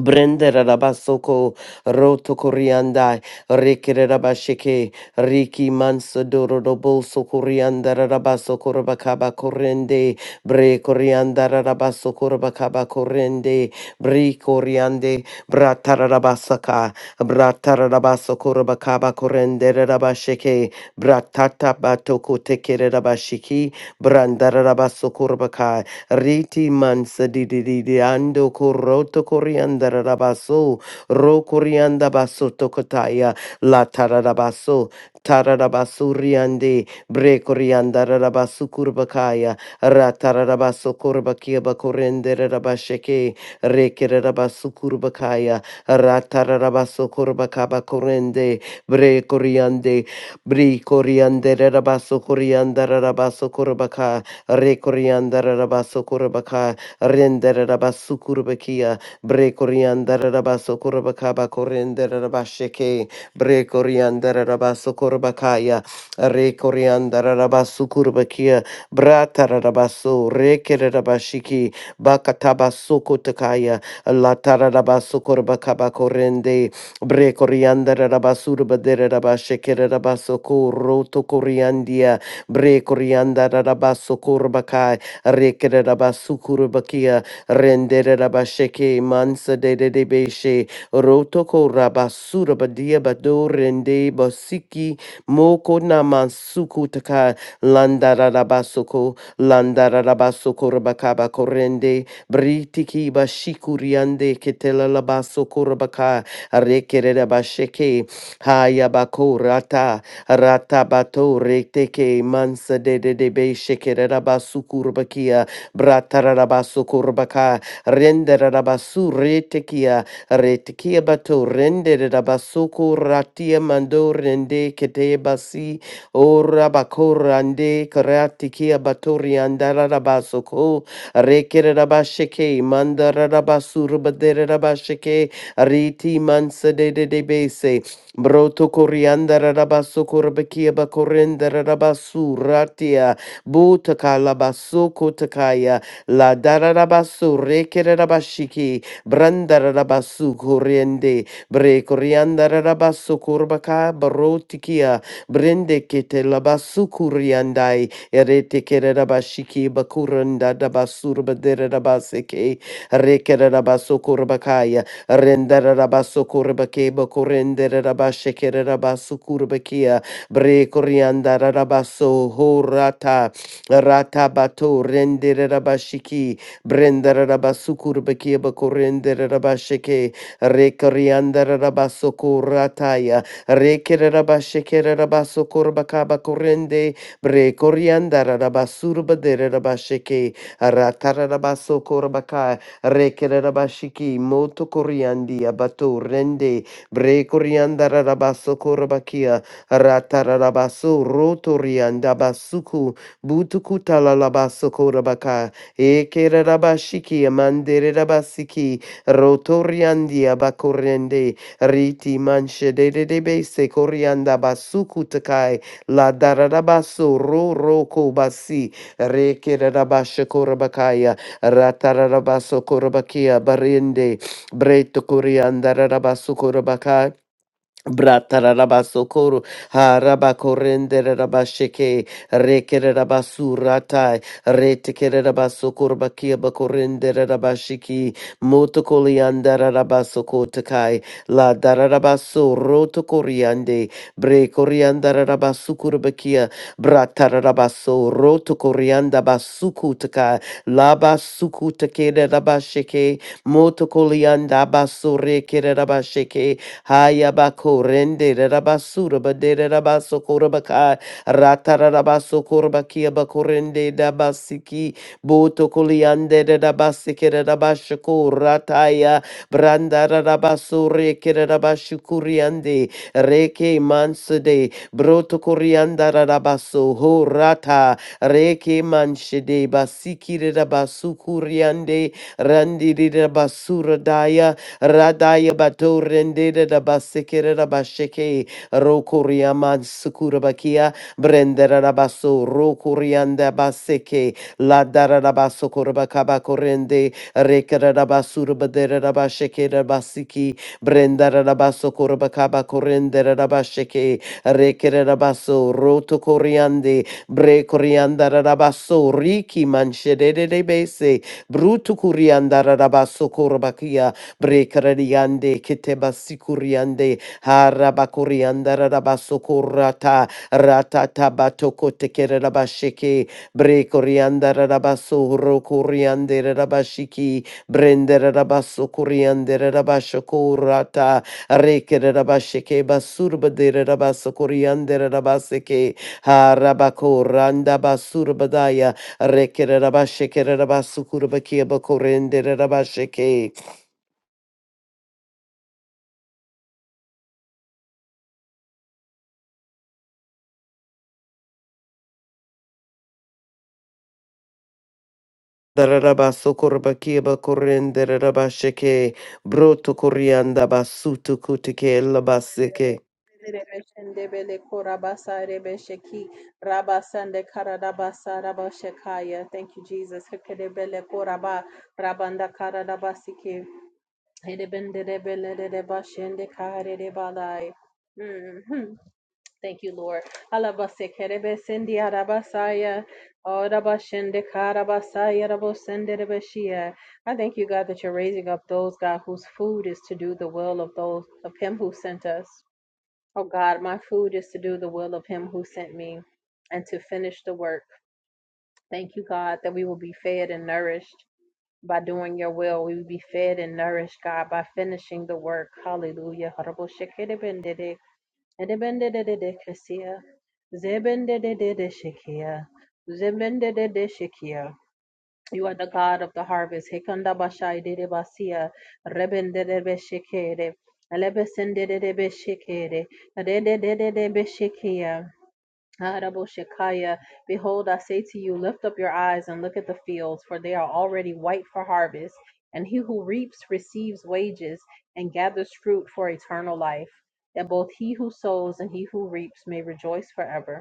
Brenda Rabasoko Roto Corianda Rekere Rabasheke Riki Mansadoro Roboso Corianda Rabaso Corabacaba Corrende Bre Corianda Rabaso Corabacaba Corrende Bre Coriande Bratarabasaka Bratarabaso Corabacaba Corrende Rabasheke Bratata Batoko Tekere Rabashiki Brandarabaso Corabacai Riti mansa di di di di ando coroto corianda rabaso, ro corianda basso tocotaya, la tararabaso, tararabaso riande, bre corianda rabasu curbacaya, ratarabaso corbaciaba corrende rabasheke, rekere rabasu curbacaya, ratarabaso corbacaba corrende, bre coriande, bri coriande rabaso corianda rabaso corbaca. Rekoriandara Rabasokurabaka, Rendera Rabasukurabakia, Brekoriandara Rabasokurabaka, Bakorendera Rabasheke, Brekoriandara Rabasokurabakaya, Rekoriandara Rabasukurabakia, Bratara Rabaso, Rekere Rabashiki, Bakatabasukutakaya, Latara Rabasukurabaka, Bakorende, Brekoriandara Rabasurabadera Rabashekere Rabasoku, Roto Coriandia, Bre Corianda Rabasokurabakai, rendere Renderabasheke, Mansa de de de Beshe, Rotoko Rabasurabadia Bado Rende Basiki, Moko Namansuku Taka, Landarabasoko, Landarabasokurabakai, Korende, Britiki Bashikuriande, Ketela Labasokurabaka, Rekerabasheke, Hayabako rata, Ratabato reteke mansa de de de be shekererabasu kurbakia. Bratarabasu kurbaka. Renderabasu retekia. Retekia bato renderabasu kuratia mando rende kete basi. Ora bakorande karatikia batori andarabasu ko. Rekerabasheke mandarabasu rubaderabasheke. Riti mansa de de de be Broto corianda rabasso corbekia bacorenda rabasso ratia butaka labasso kotakaya la darabasso rekere rabashiki branda rabasso coriende bre corianda rabasso corbaka barotikia brende kete labasso coriandai erete kere rabashiki bakuranda rabasso rabaseke rekere rabasso corbakaya Rendera rabasso curbeke boco rendere rabasce che rabasso curbekia bre corianda rabasso horata ratabato rendera rabashiki brendere rabasso curbekia boco rendere rabasce che re corianda rabasso curataya re che rabasce che rabasso curbacaba corrende bre corianda rabasso rabasce che ratarabasso Rekerabashiki moto koriandi abato rende bre korianda rabaso korabakia ratarabaso roto rianda basuku butuku talalabaso korabaka ekerabashiki amandere rabasiki roto riandi abakorende riti manche de de de base korianda basuku takai la darabaso ro roko basi rekerabasha korabakaya ratarabasokorobakia barinde breto kuriandarabasukorobakai Bratara Bratarabasokoro, Harabakorendere rabasheke Rekere Rabasuratai, Retekere rabasokoro bakia Bakorendere Rabashiki, Motokoliandara Rabasokotakai, La Dararabaso, Rotokoriande, Brekoriandara Rabasukurbakia, Bratarabaso, Rotokorianda Basukutaka, Labasukutakere Rabasheke, Motokolianda Basorekere Rabasheke, Hayabako rende rabasura badere rabaso korabaka ratarabaso korabakia bakorende dabasiki boto koliande rabasike rabashako rataya branda rabaso reke rabashukuriande reke mansede broto korianda rabaso ho rata reke manshede basiki rabasukuriande randi rabasura daya Radaya Bato Rendeda da Basekere da Basheke Rokuriaman Sukurabakia Brendera da Baso Rokurianda Baseke La Dara da Baso Kurabakaba Korende Rekara da Basura Badera da Basheke da Basiki Brendera da Baso Kurabakaba Korendera da Basheke Rekere da Baso Roto Koriande Bre Korianda da Baso Riki Manshede de Bese Brutu Kurianda Rabaso Brekaradiande Ketebasikuriande Harabakurianda Rabasokurata Ratata Batoko Tekerabasheke Brekorianda Rabaso Rokuriande Rabashiki Brendera Rabaso Kuriande Rabashokurata Rekerabasheke Basurbadere Rabasokuriande Rabaseke Harabakoranda Basurbadaya Rekerabasheke Rabasukurbakia Bakorende Rabasheke Dararaba sokorbaki bakorin deraraba sheke broto korianda basutu kutike labaseke Rebeshendebele korabasa rebesheki rabasande karadabasa rabashekaya. Thank you, Jesus. Hekedebele koraba rabanda karadabasiki. Hedebenderebele rebashende karerebalai. Mhm. Thank you, Lord. Alabase kerebesendi arabasaya. Oh, rabashende karabasaya rabosende rebeshia. I thank you, God, that you're raising up those, God, whose food is to do the will of those of Him who sent us. Oh God, my food is to do the will of Him who sent me and to finish the work. Thank you, God, that we will be fed and nourished by doing your will. We will be fed and nourished, God, by finishing the work. Hallelujah. You are the God of the harvest. Hekanda bashai dede basia, rebende de beshekere, elebesende de de beshekere, rede de de beshekia. Arabo Behold, I say to you, lift up your eyes and look at the fields, for they are already white for harvest. And he who reaps receives wages and gathers fruit for eternal life, that both he who sows and he who reaps may rejoice forever.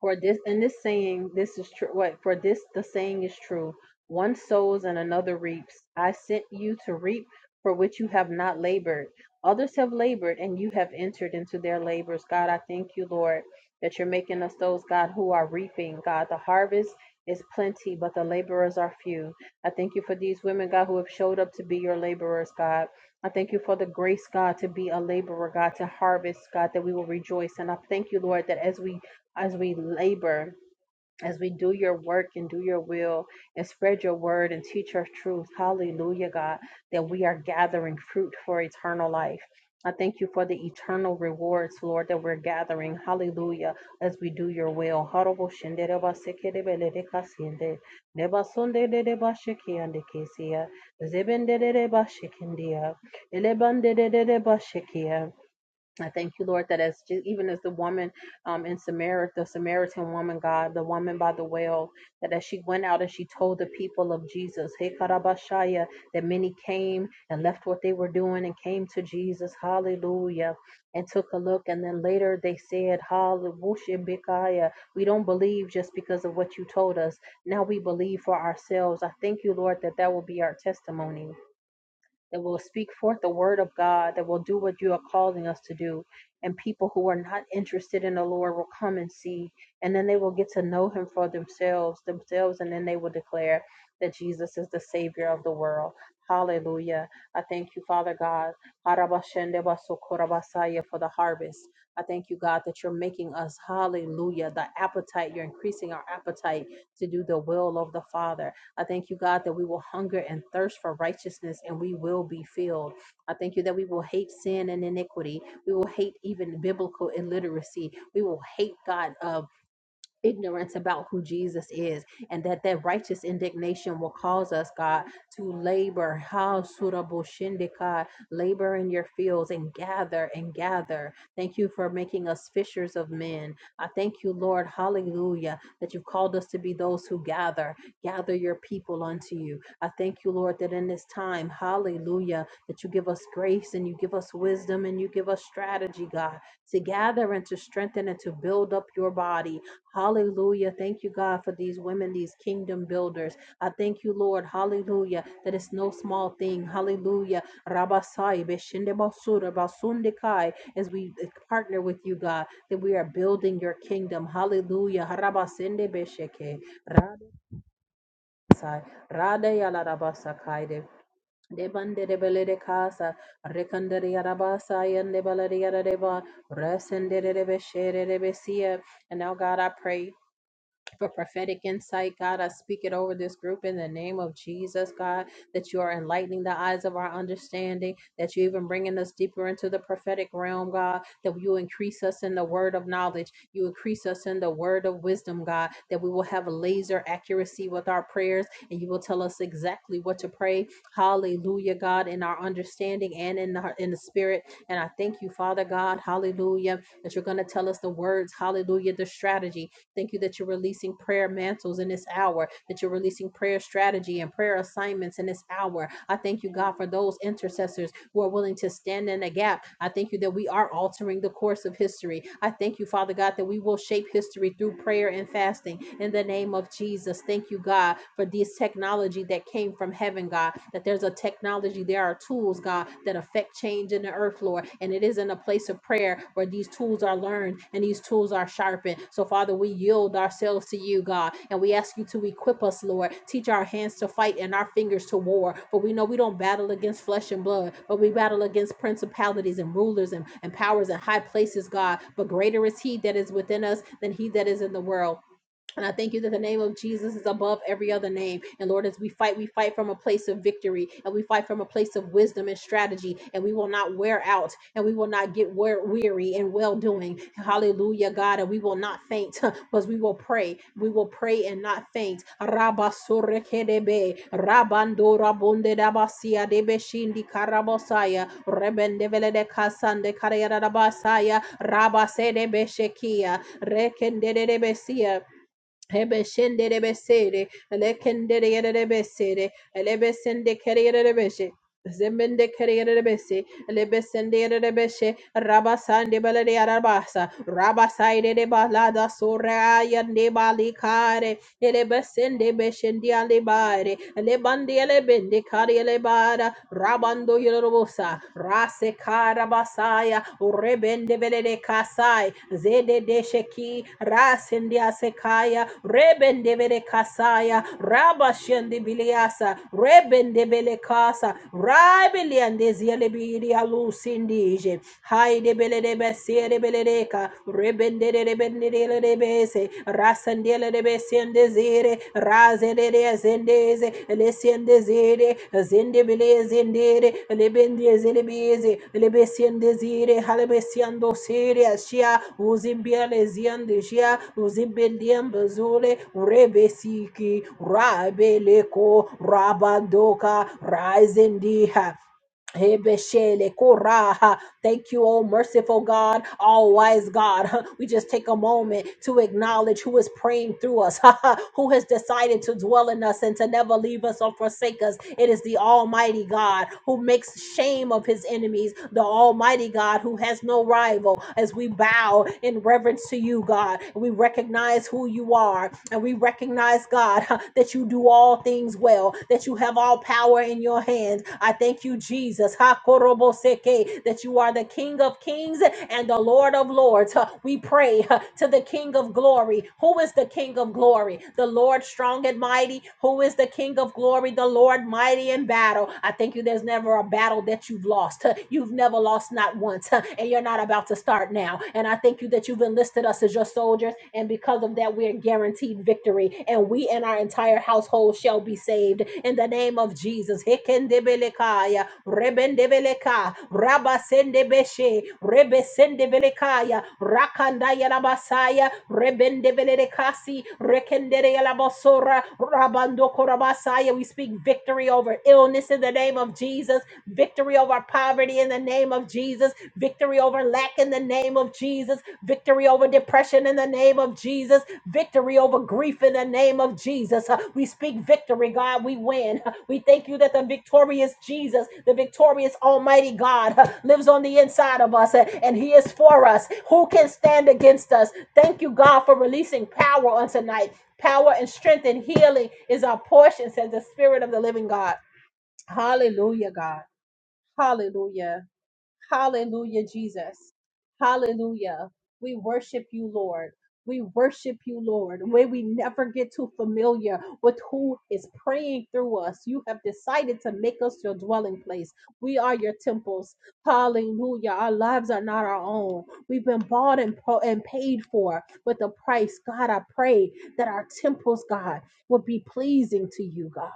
For this and this saying, this is true. What for this the saying is true. One sows and another reaps. I sent you to reap for which you have not labored. Others have labored and you have entered into their labors. God, I thank you, Lord, that you're making us those, God, who are reaping. God, the harvest is plenty, but the laborers are few. I thank you for these women, God, who have showed up to be your laborers, God. I thank you for the grace, God, to be a laborer, God, to harvest, God, that we will rejoice. And I thank you, Lord, that as we as we labor, as we do your work and do your will and spread your word and teach your truth. Hallelujah, God, that we are gathering fruit for eternal life. I thank you for the eternal rewards, Lord, that we're gathering. Hallelujah, as we do your will. Horobo I thank you, Lord, that as even as the woman um, in Samaria, the Samaritan woman, God, the woman by the well, that as she went out and she told the people of Jesus, Hey Karabashaya, that many came and left what they were doing and came to Jesus, Hallelujah, and took a look, and then later they said, Hallelujah, we don't believe just because of what you told us. Now we believe for ourselves. I thank you, Lord, that that will be our testimony that will speak forth the word of God, that will do what you are calling us to do. And people who are not interested in the Lord will come and see, and then they will get to know Him for themselves, themselves, and then they will declare that Jesus is the Savior of the world. Hallelujah. I thank you, Father God, Harabashendebasukorabasaya, for the harvest. I thank you, God, that you're making us, hallelujah, the appetite. You're increasing our appetite to do the will of the Father. I thank you, God, that we will hunger and thirst for righteousness and we will be filled. I thank you that we will hate sin and iniquity. We will hate even biblical illiteracy. We will hate, God, uh, ignorance about who Jesus is and that that righteous indignation will cause us God to labor how surable shindika labor in your fields and gather and gather thank you for making us fishers of men I thank you Lord hallelujah that you've called us to be those who gather gather your people unto you I thank you Lord that in this time hallelujah that you give us grace and you give us wisdom and you give us strategy God to gather and to strengthen and to build up your body Hallelujah. Thank you, God, for these women, these kingdom builders. I thank you, Lord. Hallelujah. That it's no small thing. Hallelujah. Rabasai, Beshinde Basura, Basundikai, as we partner with you, God, that we are building your kingdom. Hallelujah. Harabasende Besheke. Radasai, Radaya Larabasakaide. Debande de bele de casa, recandere arabasa, and de balaria deva, resendere de beshere de besia. And now, God, I pray for prophetic insight, God. I speak it over this group in the name of Jesus, God, that you are enlightening the eyes of our understanding, that you even bringing us deeper into the prophetic realm, God, that you increase us in the word of knowledge, you increase us in the word of wisdom, God, that we will have laser accuracy with our prayers, and you will tell us exactly what to pray. Hallelujah, God, in our understanding and in the, in the spirit. And I thank you, Father God, hallelujah, that you're going to tell us the words, hallelujah, the strategy, Thank you that you're releasing prayer mantles in this hour, that you're releasing prayer strategy and prayer assignments in this hour. I thank you, God, for those intercessors who are willing to stand in a gap. I thank you that we are altering the course of history. I thank you, Father God, that we will shape history through prayer and fasting in the name of Jesus. Thank you, God, for this technology that came from heaven, God, that there's a technology, there are tools, God, that affect change in the earth, Lord. And it is in a place of prayer where these these tools are learned and these tools are sharpened. So, Father, we yield ourselves to you, God, and we ask you to equip us, Lord. Teach our hands to fight and our fingers to war. For we know we don't battle against flesh and blood, but we battle against principalities and rulers and, and powers and high places, God. But greater is He that is within us than He that is in the world. And I thank you that the name of Jesus is above every other name. And Lord, as we fight, we fight from a place of victory and we fight from a place of wisdom and strategy. And we will not wear out and we will not get wear- weary and well doing. Hallelujah, God. And we will not faint, but we will pray. We will pray and not faint. Rabba sorrekedebe, rabando rabonde dabasia debe shindi karabosaya, rebendevele de kasande karayarabasaya, rabase debe shekia, rekende Ebeshenderebesere, elekendereyerebesere, elebesendekeriyerebeshe, zembendekeriyebese, lebesende de beshe rabasande balade arabasa rabasaide de balada soraya de balikare elebesende beshendi alebare lebandi elebende kari elebara rabando yorobosa rase karabasaya rebende belede kasai zede de sheki rasende asekaya rebende bele kasaya rabashende biliasa rebende bele kasa rabeliande yelebiri alusindije haide belede besere beledeka rebendere rebendere rebese rasandele rebesendezire razere zendeze lesendezire zendebele zendere lebendeze lebeze lebesendezire halebesiando sire ashia uzimbiale ziandeshia uzimbendiambazule rebesiki rabeleko rabandoka razendiha Hebeshele koraha. Thank you, oh merciful God, all wise God. We just take a moment to acknowledge who is praying through us, who has decided to dwell in us and to never leave us or forsake us. It is the Almighty God who makes shame of his enemies, the Almighty God who has no rival. As we bow in reverence to you, God, we recognize who you are and we recognize, God, that you do all things well well, that you have all power in your hands. I thank you, Jesus, Hakoroboseke, that you are the King of kings and the Lord of lords. Huh, We pray huh, to the King of glory. Who is the King of glory? The Lord strong and mighty. Who is the King of glory? The Lord mighty in battle. I thank you, there's never a battle that you've lost. Huh, You've never lost, not once, huh, and you're not about to start now. And I thank you that you've enlisted us as your soldiers, and because of that, we're guaranteed guaranteed victory, and we and our entire household shall be saved in the name of Jesus. Hekendebelekaya, rebendebeleka, rabasendebeshe, rebesendebelekaya, rakandaya labasaya, rebendebelekasi, rekendereya labasora, rabandokorabasaya. We speak victory over illness in the name of Jesus, victory over poverty in the name of Jesus, victory over lack in the name of Jesus, victory over depression in the name of Jesus, victory over grief in the name of Jesus. Uh, We speak victory, God. We win. Uh, We thank you that the victorious Jesus, the victorious Almighty God, uh, lives on the inside of us uh, and He is for us. Who can stand against us? Thank you, God, for releasing power on tonight. Power and strength and healing is our portion, says the Spirit of the living God. Hallelujah, God. Hallelujah. Hallelujah, Jesus. Hallelujah. We worship you, Lord. We worship you, Lord. May we never get too familiar with who is praying through us. You have decided to make us your dwelling place. We are your temples. Hallelujah. Our lives are not our own. We've been bought and, po- and paid for with a price. God, I pray that our temples, God, would be pleasing to you, God.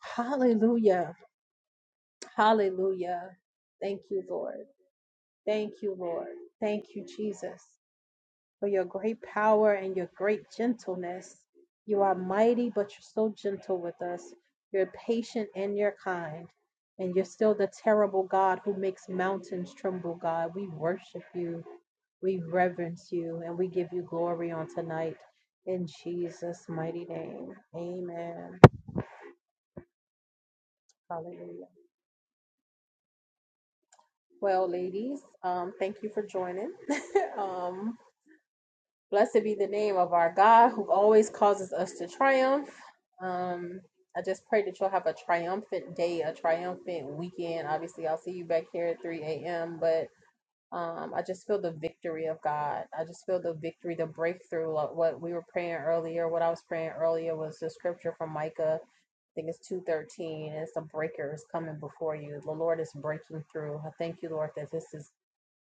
Hallelujah. Hallelujah. Thank you, Lord. Thank you, Lord. Thank you, Jesus, for your great power and your great gentleness. You are mighty, but you're so gentle with us. You're patient and you're kind. And you're still the terrible God who makes mountains tremble, God. We worship you, we reverence you, and we give you glory on tonight. In Jesus' mighty name. Amen. Hallelujah. Well, ladies, um, thank you for joining. um, Blessed be the name of our God who always causes us to triumph. Um, I just pray that you'll have a triumphant day, a triumphant weekend. Obviously, I'll see you back here at 3 a.m., but um, I just feel the victory of God. I just feel the victory, the breakthrough. Like what we were praying earlier, what I was praying earlier was the scripture from Micah. I think it's two thirteen, and it's the breaker is coming before you. The Lord is breaking through. I thank you, Lord, that this is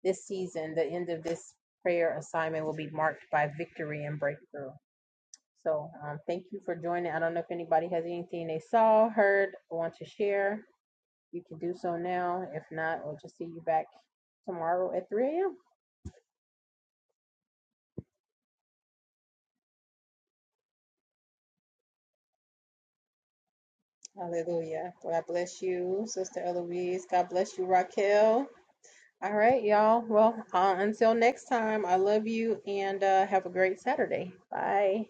this season. The end of this prayer assignment will be marked by victory and breakthrough. So, um, thank you for joining. I don't know if anybody has anything they saw, heard, or want to share. You can do so now. If not, we'll just see you back tomorrow at 3 a.m. Hallelujah. God bless you, Sister Eloise. God bless you, Raquel. All right, y'all. Well, uh, until next time, I love you and uh, have a great Saturday. Bye.